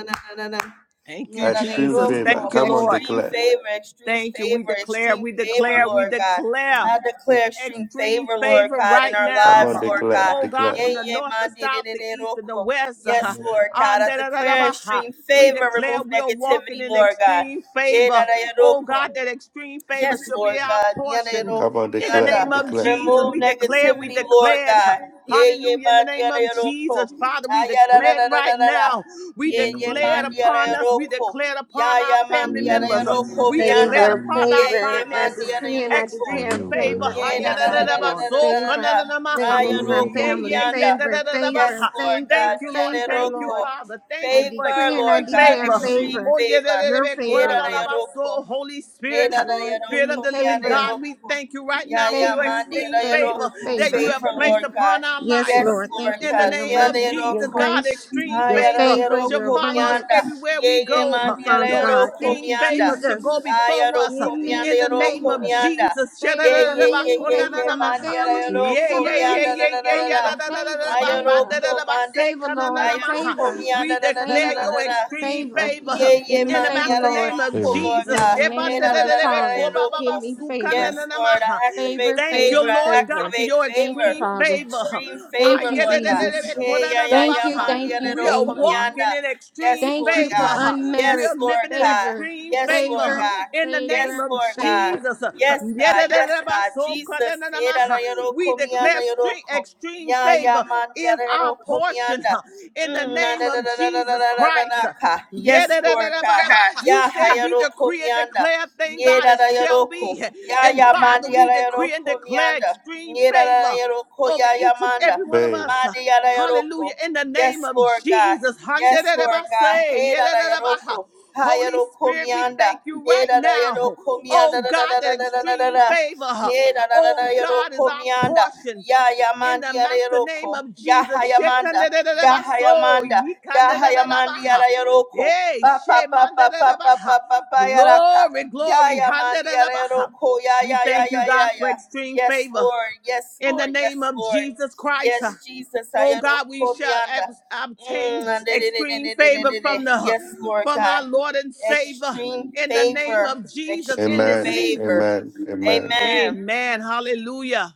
Speaker 9: Thank you,
Speaker 4: Extreme
Speaker 9: Jesus.
Speaker 4: favor.
Speaker 9: Thank you,
Speaker 4: Come on,
Speaker 9: Lord.
Speaker 4: declare.
Speaker 7: favor, extreme
Speaker 9: Thank you. We
Speaker 7: favor,
Speaker 9: declare,
Speaker 7: extreme
Speaker 9: we
Speaker 7: favor,
Speaker 9: declare, we
Speaker 7: Lord God.
Speaker 9: declare
Speaker 7: I declare extreme
Speaker 9: extreme
Speaker 7: favor, Lord
Speaker 9: favor
Speaker 7: God, in
Speaker 9: right
Speaker 7: our
Speaker 4: Come
Speaker 7: lives,
Speaker 4: on,
Speaker 9: now.
Speaker 7: Lord
Speaker 4: declare,
Speaker 7: God.
Speaker 9: Oh God,
Speaker 4: declare.
Speaker 9: from
Speaker 7: Yea,
Speaker 9: the
Speaker 7: yea,
Speaker 9: north, the
Speaker 7: man, de, de,
Speaker 9: south,
Speaker 7: de,
Speaker 9: the
Speaker 7: de,
Speaker 9: east, and the
Speaker 7: roko.
Speaker 9: west.
Speaker 7: Yes, Lord God.
Speaker 9: on
Speaker 7: I
Speaker 9: da- da- da- da-
Speaker 7: declare
Speaker 9: ba- ha.
Speaker 7: extreme
Speaker 9: We
Speaker 7: favor,
Speaker 9: declare
Speaker 7: remove
Speaker 9: we are walking
Speaker 7: negativity,
Speaker 9: in
Speaker 7: Lord God.
Speaker 9: extreme
Speaker 7: Yeah,
Speaker 9: favor. Oh God, that extreme favor
Speaker 7: Yes,
Speaker 9: shall be
Speaker 7: Lord
Speaker 9: our
Speaker 7: God. Niana
Speaker 9: portion.
Speaker 4: Come
Speaker 7: Yoroko
Speaker 4: on,
Speaker 9: In the
Speaker 4: declare,
Speaker 7: Mianda.
Speaker 9: name of
Speaker 4: declare.
Speaker 9: Jesus,
Speaker 7: Remove
Speaker 9: we declare, we
Speaker 7: negativity, Lord
Speaker 9: declared. uh,
Speaker 7: God. Yeah, yeah,
Speaker 9: Hallelujah. In the
Speaker 7: man,
Speaker 9: name
Speaker 7: Niana
Speaker 9: of
Speaker 7: Yoroko.
Speaker 9: Jesus, Father, we
Speaker 7: Ayada da
Speaker 9: declared
Speaker 7: da da da
Speaker 9: right
Speaker 7: da da.
Speaker 9: now. We
Speaker 7: Yeah, yeah, man,
Speaker 9: declared
Speaker 7: diana
Speaker 9: upon us.
Speaker 7: yero
Speaker 9: We
Speaker 7: ko.
Speaker 9: declared
Speaker 7: Ya
Speaker 9: upon our
Speaker 7: ya man,
Speaker 9: family
Speaker 7: diana
Speaker 9: members. uh,
Speaker 7: yero ko
Speaker 9: We declared
Speaker 7: Mianda.
Speaker 2: favor,
Speaker 9: upon our
Speaker 7: Yeah, yeah,
Speaker 2: favor. I
Speaker 7: man,
Speaker 9: finances
Speaker 7: diana
Speaker 2: decree and
Speaker 7: yero
Speaker 2: I
Speaker 7: ko.
Speaker 3: We're
Speaker 2: declare
Speaker 9: extreme
Speaker 3: healed right
Speaker 9: favor.
Speaker 2: favor
Speaker 3: now.
Speaker 9: ha
Speaker 2: over
Speaker 7: Yeah,
Speaker 9: ya
Speaker 7: da
Speaker 2: my
Speaker 9: da
Speaker 7: da
Speaker 9: da
Speaker 2: life,
Speaker 7: da
Speaker 9: da
Speaker 7: da da
Speaker 9: ba
Speaker 2: Lord.
Speaker 7: da da
Speaker 9: so ka
Speaker 2: Favor,
Speaker 9: na
Speaker 7: da
Speaker 9: na na ma
Speaker 7: da.
Speaker 2: favor over my
Speaker 7: da. ko
Speaker 9: Yeah, yeah,
Speaker 2: family.
Speaker 9: yeah.
Speaker 7: Mianda.
Speaker 9: da da
Speaker 2: Favor,
Speaker 9: da da ba
Speaker 7: Yes,
Speaker 2: favor,
Speaker 7: Lord
Speaker 9: Thank
Speaker 7: God.
Speaker 2: favor,
Speaker 9: you, Lord.
Speaker 7: mianda
Speaker 2: favor,
Speaker 7: yero
Speaker 9: Thank you,
Speaker 2: Lord.
Speaker 7: ko.
Speaker 9: Father. Thank
Speaker 2: I
Speaker 9: you for
Speaker 7: Favor,
Speaker 2: decree and I
Speaker 7: Lord
Speaker 9: extreme
Speaker 7: God.
Speaker 2: declare
Speaker 9: favor.
Speaker 7: Extreme
Speaker 2: favor.
Speaker 9: Oh, yeah. da
Speaker 7: favor.
Speaker 9: da da
Speaker 2: Your
Speaker 9: da ba
Speaker 7: Yeah,
Speaker 9: da
Speaker 2: favor,
Speaker 7: da
Speaker 9: da
Speaker 7: da
Speaker 9: da ba
Speaker 2: Lord.
Speaker 7: yero
Speaker 9: so
Speaker 7: ko.
Speaker 9: Holy Spirit,
Speaker 7: Meda da
Speaker 2: Lord, give
Speaker 9: Spirit
Speaker 7: Yadoku,
Speaker 9: of
Speaker 2: me
Speaker 9: the living
Speaker 7: Miada
Speaker 2: favor,
Speaker 9: God, we
Speaker 7: Yadoku,
Speaker 9: thank you right now for
Speaker 7: Yaya
Speaker 9: your
Speaker 2: favor,
Speaker 7: Mandi da
Speaker 9: extreme favor
Speaker 2: favor,
Speaker 7: Yadoku,
Speaker 9: that
Speaker 2: favor.
Speaker 9: you have
Speaker 7: favor,
Speaker 9: placed
Speaker 7: Lord God.
Speaker 9: upon our
Speaker 2: Yes,
Speaker 9: life.
Speaker 7: Yes,
Speaker 2: Lord, thank
Speaker 7: Lord
Speaker 2: you
Speaker 9: In
Speaker 2: for
Speaker 9: the
Speaker 7: God.
Speaker 2: your
Speaker 9: name
Speaker 7: Miada
Speaker 9: of
Speaker 2: mercy,
Speaker 9: Jesus,
Speaker 2: your
Speaker 7: Yadoku,
Speaker 9: God,
Speaker 2: grace,
Speaker 9: extreme
Speaker 2: your
Speaker 7: Ayada
Speaker 9: favor
Speaker 2: favor,
Speaker 9: shall
Speaker 2: your
Speaker 7: Yadoku,
Speaker 9: follow us
Speaker 7: Mianda,
Speaker 2: abundance.
Speaker 9: everywhere we
Speaker 7: Yeye
Speaker 2: Thank
Speaker 9: go.
Speaker 2: you,
Speaker 7: Mandi da
Speaker 2: Father
Speaker 9: Your
Speaker 2: God.
Speaker 7: Yadoku,
Speaker 2: Thank
Speaker 9: extreme
Speaker 2: you,
Speaker 7: Mianda,
Speaker 9: favor shall go
Speaker 2: Jesus.
Speaker 9: before us.
Speaker 2: Give
Speaker 7: Ayadoku, Mianda
Speaker 9: In
Speaker 2: me
Speaker 9: the name
Speaker 7: Yadoku,
Speaker 9: of
Speaker 2: favor.
Speaker 7: Mianda,
Speaker 9: Jesus. Yeah,
Speaker 2: Favor
Speaker 7: Ye,
Speaker 2: for
Speaker 7: ye, ye,
Speaker 2: me,
Speaker 7: ye,
Speaker 2: favor
Speaker 7: ye,
Speaker 2: for my
Speaker 7: Mandi da
Speaker 2: family, my
Speaker 9: yeah,
Speaker 7: Yadoku,
Speaker 9: yeah, yeah,
Speaker 7: Mianda,
Speaker 2: siblings.
Speaker 7: da, da,
Speaker 9: yeah,
Speaker 7: da, da,
Speaker 9: yeah.
Speaker 7: da.
Speaker 9: da,
Speaker 2: Favor,
Speaker 9: da, da, da,
Speaker 2: favor,
Speaker 9: da, ba, ba, da,
Speaker 2: favor.
Speaker 9: da, da,
Speaker 7: Ayadoku,
Speaker 9: ba,
Speaker 7: Mandi.
Speaker 9: se,
Speaker 2: Favor,
Speaker 9: ka, na, na,
Speaker 2: Lord.
Speaker 9: na, ma.
Speaker 7: Ayadoku,
Speaker 2: Favor,
Speaker 9: We
Speaker 7: Mianda, da, da, da, da,
Speaker 9: declare
Speaker 7: da,
Speaker 2: favor,
Speaker 9: your
Speaker 7: da, da.
Speaker 9: extreme
Speaker 2: favor.
Speaker 9: favor
Speaker 7: Yeah,
Speaker 2: Give
Speaker 7: yeah,
Speaker 2: me
Speaker 9: in
Speaker 7: man,
Speaker 9: the
Speaker 2: favor,
Speaker 7: yeah,
Speaker 9: master
Speaker 7: yeah,
Speaker 2: Lord.
Speaker 9: name
Speaker 7: yeah,
Speaker 9: of
Speaker 7: cool,
Speaker 3: Favor.
Speaker 7: Lord
Speaker 2: In
Speaker 9: Jesus.
Speaker 2: the
Speaker 7: God. Hey,
Speaker 2: name
Speaker 7: da,
Speaker 2: of
Speaker 7: da,
Speaker 2: the
Speaker 7: da, da, da, yeah,
Speaker 2: Father,
Speaker 7: yeah,
Speaker 2: give
Speaker 7: cool.
Speaker 2: me
Speaker 7: Yes,
Speaker 2: favor.
Speaker 7: Lord, I activate
Speaker 2: Favor,
Speaker 9: Thank
Speaker 7: favor.
Speaker 9: you,
Speaker 2: favor,
Speaker 7: I
Speaker 9: Lord God,
Speaker 2: favor.
Speaker 9: for
Speaker 7: activate
Speaker 9: your
Speaker 2: Thank
Speaker 7: favor.
Speaker 2: you,
Speaker 9: extreme
Speaker 2: Father.
Speaker 9: favor.
Speaker 7: Extreme
Speaker 2: Thank
Speaker 7: favor,
Speaker 2: you,
Speaker 7: Lord God.
Speaker 2: Jesus.
Speaker 7: Hey, yeah, yeah,
Speaker 2: Thank
Speaker 7: yeah,
Speaker 2: you,
Speaker 7: man,
Speaker 2: thank
Speaker 7: yeah, yeah,
Speaker 2: you,
Speaker 9: We
Speaker 7: yeah,
Speaker 9: are
Speaker 7: cool,
Speaker 2: thank you.
Speaker 9: walking in
Speaker 7: Yes,
Speaker 9: extreme
Speaker 2: Thank
Speaker 7: Lord
Speaker 2: you for
Speaker 7: God.
Speaker 9: favor.
Speaker 7: Yes,
Speaker 9: We
Speaker 2: unmerited
Speaker 9: are
Speaker 7: Lord
Speaker 9: living in
Speaker 7: God.
Speaker 2: favor,
Speaker 9: extreme
Speaker 7: Yes, Lord
Speaker 9: favor
Speaker 2: favor,
Speaker 7: God.
Speaker 9: in the
Speaker 7: Yes,
Speaker 9: name
Speaker 2: favor,
Speaker 9: of
Speaker 7: Lord
Speaker 2: favor.
Speaker 7: God.
Speaker 9: Jesus.
Speaker 7: Yes, God. Yes, God. Jesus said, "Arayoro
Speaker 9: We declare
Speaker 7: komianda
Speaker 9: stre-
Speaker 7: yoroko."
Speaker 9: extreme
Speaker 7: Ya ya
Speaker 9: favor
Speaker 7: mandi
Speaker 9: is our
Speaker 7: arayoro
Speaker 9: portion
Speaker 7: komianda.
Speaker 9: in the
Speaker 7: Mm, na,
Speaker 9: name
Speaker 7: da, da,
Speaker 9: of
Speaker 7: da, da, da, da,
Speaker 9: Jesus
Speaker 7: da, da, da, da,
Speaker 9: Christ.
Speaker 7: ka.
Speaker 9: Yeah,
Speaker 7: Yes,
Speaker 9: da, da, da,
Speaker 7: Lord
Speaker 9: da, ba,
Speaker 7: God.
Speaker 9: ha. You
Speaker 7: Ya
Speaker 9: said we
Speaker 7: hayaro
Speaker 9: decree and
Speaker 7: komianda.
Speaker 9: declare, thank God
Speaker 7: Nyera
Speaker 9: it shall
Speaker 7: rayaroko.
Speaker 9: be.
Speaker 7: Ya
Speaker 9: And
Speaker 7: ya
Speaker 9: Father,
Speaker 7: mandi
Speaker 9: we
Speaker 7: arayoro
Speaker 9: decree and declare
Speaker 7: komianda.
Speaker 9: extreme
Speaker 7: Nyera
Speaker 9: favor
Speaker 7: rayaroko
Speaker 9: over
Speaker 7: ya ya
Speaker 9: each and
Speaker 7: manda.
Speaker 9: every one of
Speaker 4: Favor.
Speaker 9: us.
Speaker 7: Mandi
Speaker 9: Hallelujah.
Speaker 7: arayaroko.
Speaker 9: In the
Speaker 7: Yes,
Speaker 9: name of
Speaker 7: Lord God.
Speaker 9: Jesus. Han,
Speaker 7: Yes,
Speaker 9: da, da, da, ba,
Speaker 7: Lord God.
Speaker 9: say.
Speaker 7: Hey,
Speaker 9: Yeah,
Speaker 7: da
Speaker 9: da,
Speaker 7: da
Speaker 9: da, da, ba, ha.
Speaker 7: yaroko.
Speaker 9: Holy
Speaker 7: Hayaroko
Speaker 9: Spirit, we
Speaker 7: mianda.
Speaker 9: thank you
Speaker 7: Hey,
Speaker 9: right
Speaker 7: da da
Speaker 9: now.
Speaker 7: yaroko mianda.
Speaker 9: Oh
Speaker 7: Da da
Speaker 9: God,
Speaker 7: da
Speaker 9: that
Speaker 7: da da da da da
Speaker 9: extreme
Speaker 7: da.
Speaker 9: favor.
Speaker 7: Hey, da da da da
Speaker 9: Oh God is
Speaker 7: yaroko
Speaker 9: our
Speaker 7: mianda.
Speaker 9: portion
Speaker 7: Ya
Speaker 9: in
Speaker 7: yamandi
Speaker 9: the
Speaker 7: yara
Speaker 9: master name
Speaker 7: yaroko.
Speaker 9: of
Speaker 7: Ya
Speaker 9: Jesus.
Speaker 7: hayamanda. Ya
Speaker 9: Shekandadadabaso,
Speaker 7: hayamanda. Ya hayamandi
Speaker 9: yikandadadabaha.
Speaker 7: yara yaroko.
Speaker 9: Yay,
Speaker 7: Pa pa pa pa pa pa pa
Speaker 9: shemandadadabaha.
Speaker 7: pa pa yaraka.
Speaker 9: Glory,
Speaker 7: Ya
Speaker 9: glory.
Speaker 7: yamandi yara
Speaker 9: handadadabaha.
Speaker 7: yaroko. Ya
Speaker 9: We
Speaker 7: ya ya
Speaker 9: thank you,
Speaker 7: ya ya
Speaker 9: God, for
Speaker 7: ya.
Speaker 9: extreme
Speaker 7: Yes,
Speaker 9: favor
Speaker 7: Lord. Yes,
Speaker 9: in the
Speaker 7: Lord.
Speaker 9: name
Speaker 7: Yes,
Speaker 9: of
Speaker 7: Lord.
Speaker 9: Jesus Christ.
Speaker 7: Yes,
Speaker 9: uh,
Speaker 7: Jesus.
Speaker 9: Oh
Speaker 7: Ayoro
Speaker 9: God, we shall ab-
Speaker 7: komianda. Mm,
Speaker 9: obtain
Speaker 7: ande- de- de- de-
Speaker 9: extreme
Speaker 7: de- de- de-
Speaker 9: favor
Speaker 7: de- de.
Speaker 9: from
Speaker 7: de.
Speaker 9: the
Speaker 7: Yes, Lord
Speaker 9: from our
Speaker 7: God.
Speaker 9: Lord and Savior
Speaker 7: Extreme
Speaker 9: in the name
Speaker 7: favor.
Speaker 9: of Jesus in
Speaker 7: Extreme
Speaker 9: this
Speaker 4: Amen.
Speaker 9: season.
Speaker 7: favor.
Speaker 4: Amen. Amen.
Speaker 7: Amen.
Speaker 9: Amen. Hallelujah.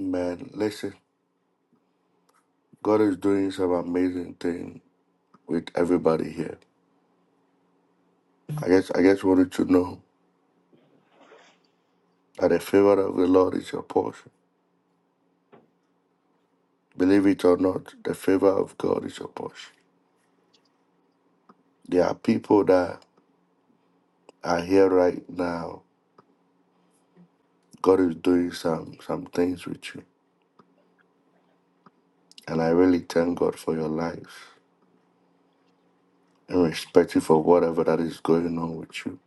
Speaker 4: Man, Listen, God is doing some amazing thing with everybody here. I guess I guess wanted to know. And the favor of the Lord is your portion. Believe it or not, the favor of God is your portion. There are people that are here right now. God is doing some some things with you. And I really thank God for your life. And respective of whatever that is going on with you.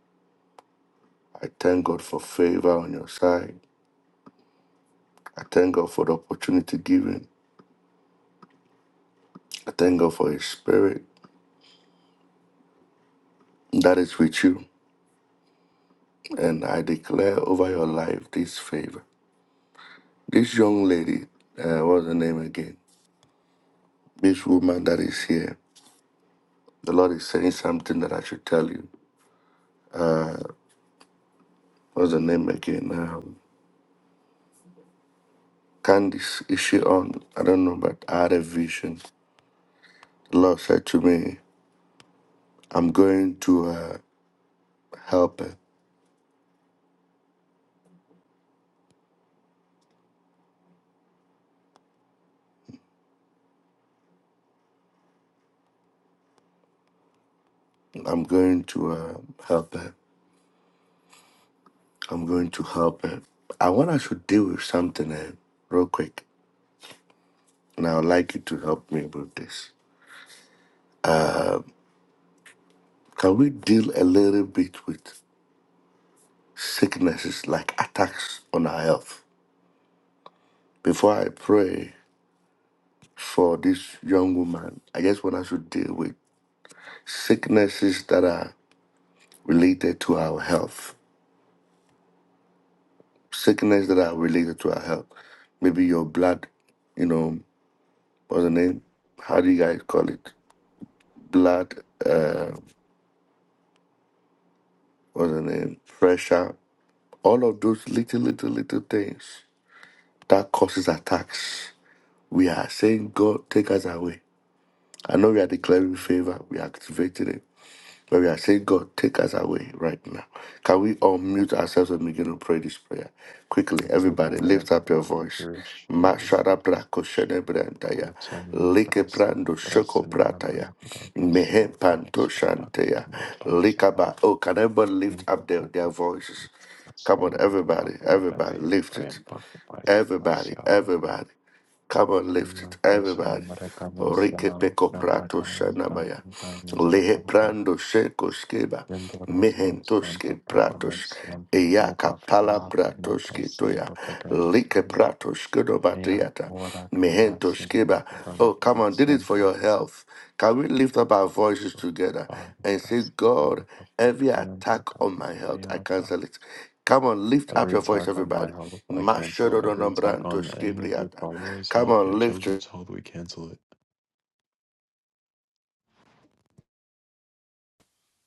Speaker 4: I thank God for favor on your side. I thank God for the opportunity given. I thank God for His Spirit that is with you. And I declare over your life this favor. This young lady, uh, what's her name again? This woman that is here, the Lord is saying something that I should tell you. What's the name again? Um, Candice, is she on? I don't know, but I had a vision. The Lord said to me, I'm going to uh, help her. I'm going to uh, help her. I'm going to help her. I want us to deal with something uh, real quick, and I would like you to help me with this. Can we deal a little bit with sicknesses like attacks on our health? Before I pray, for this young woman. I just want us to deal with sicknesses that are related to our health. Sickness that are related to our health. Maybe your blood, you know, what's the name? How do you guys call it? Blood, uh, what's the name? Pressure. All of those little, little, little things that causes attacks. We are saying, God, take us away. I know we are declaring favor. We are activating it. But we are saying, God, take us away right now. Can we all mute ourselves and begin to pray this prayer? Quickly,
Speaker 3: We take
Speaker 4: everybody,
Speaker 3: away
Speaker 4: lift
Speaker 3: every
Speaker 4: up your
Speaker 3: blood
Speaker 4: voice.
Speaker 3: pressure issue.
Speaker 4: Mashara brako shene brandaya. Like brando shoko prataya. Mehe panto shanteya. Likaba. Oh, can everybody lift up their, their voices? Come on, everybody, everybody, lift it. Everybody,
Speaker 3: Siapa
Speaker 4: everybody. Come on, lift it, everybody. Rike peko prato shanamaya. Lehe prando sheko skeba. Mehentoske pratos. Eyaka pala bratoske toya. Like pratos kudo
Speaker 3: Mia
Speaker 4: batriata.
Speaker 3: ora graciam per
Speaker 4: Mehentoskeba. Oh, come on, did it
Speaker 3: collegazione
Speaker 4: for your health. Can we lift up our voices together and say, God,
Speaker 3: Barcasinanta
Speaker 4: every
Speaker 3: Paprianta
Speaker 4: attack on my health, I
Speaker 3: Capamiata.
Speaker 4: cancel it. Come on, lift up
Speaker 3: Every
Speaker 4: your voice,
Speaker 3: attack on my
Speaker 4: everybody.
Speaker 3: health, I cancel it.
Speaker 4: Mashododono
Speaker 3: Every attack on
Speaker 4: brantos
Speaker 3: any of your
Speaker 4: kibriata.
Speaker 3: followers'
Speaker 4: Come
Speaker 3: health, your
Speaker 4: on, lift it.
Speaker 3: children's health, we cancel it.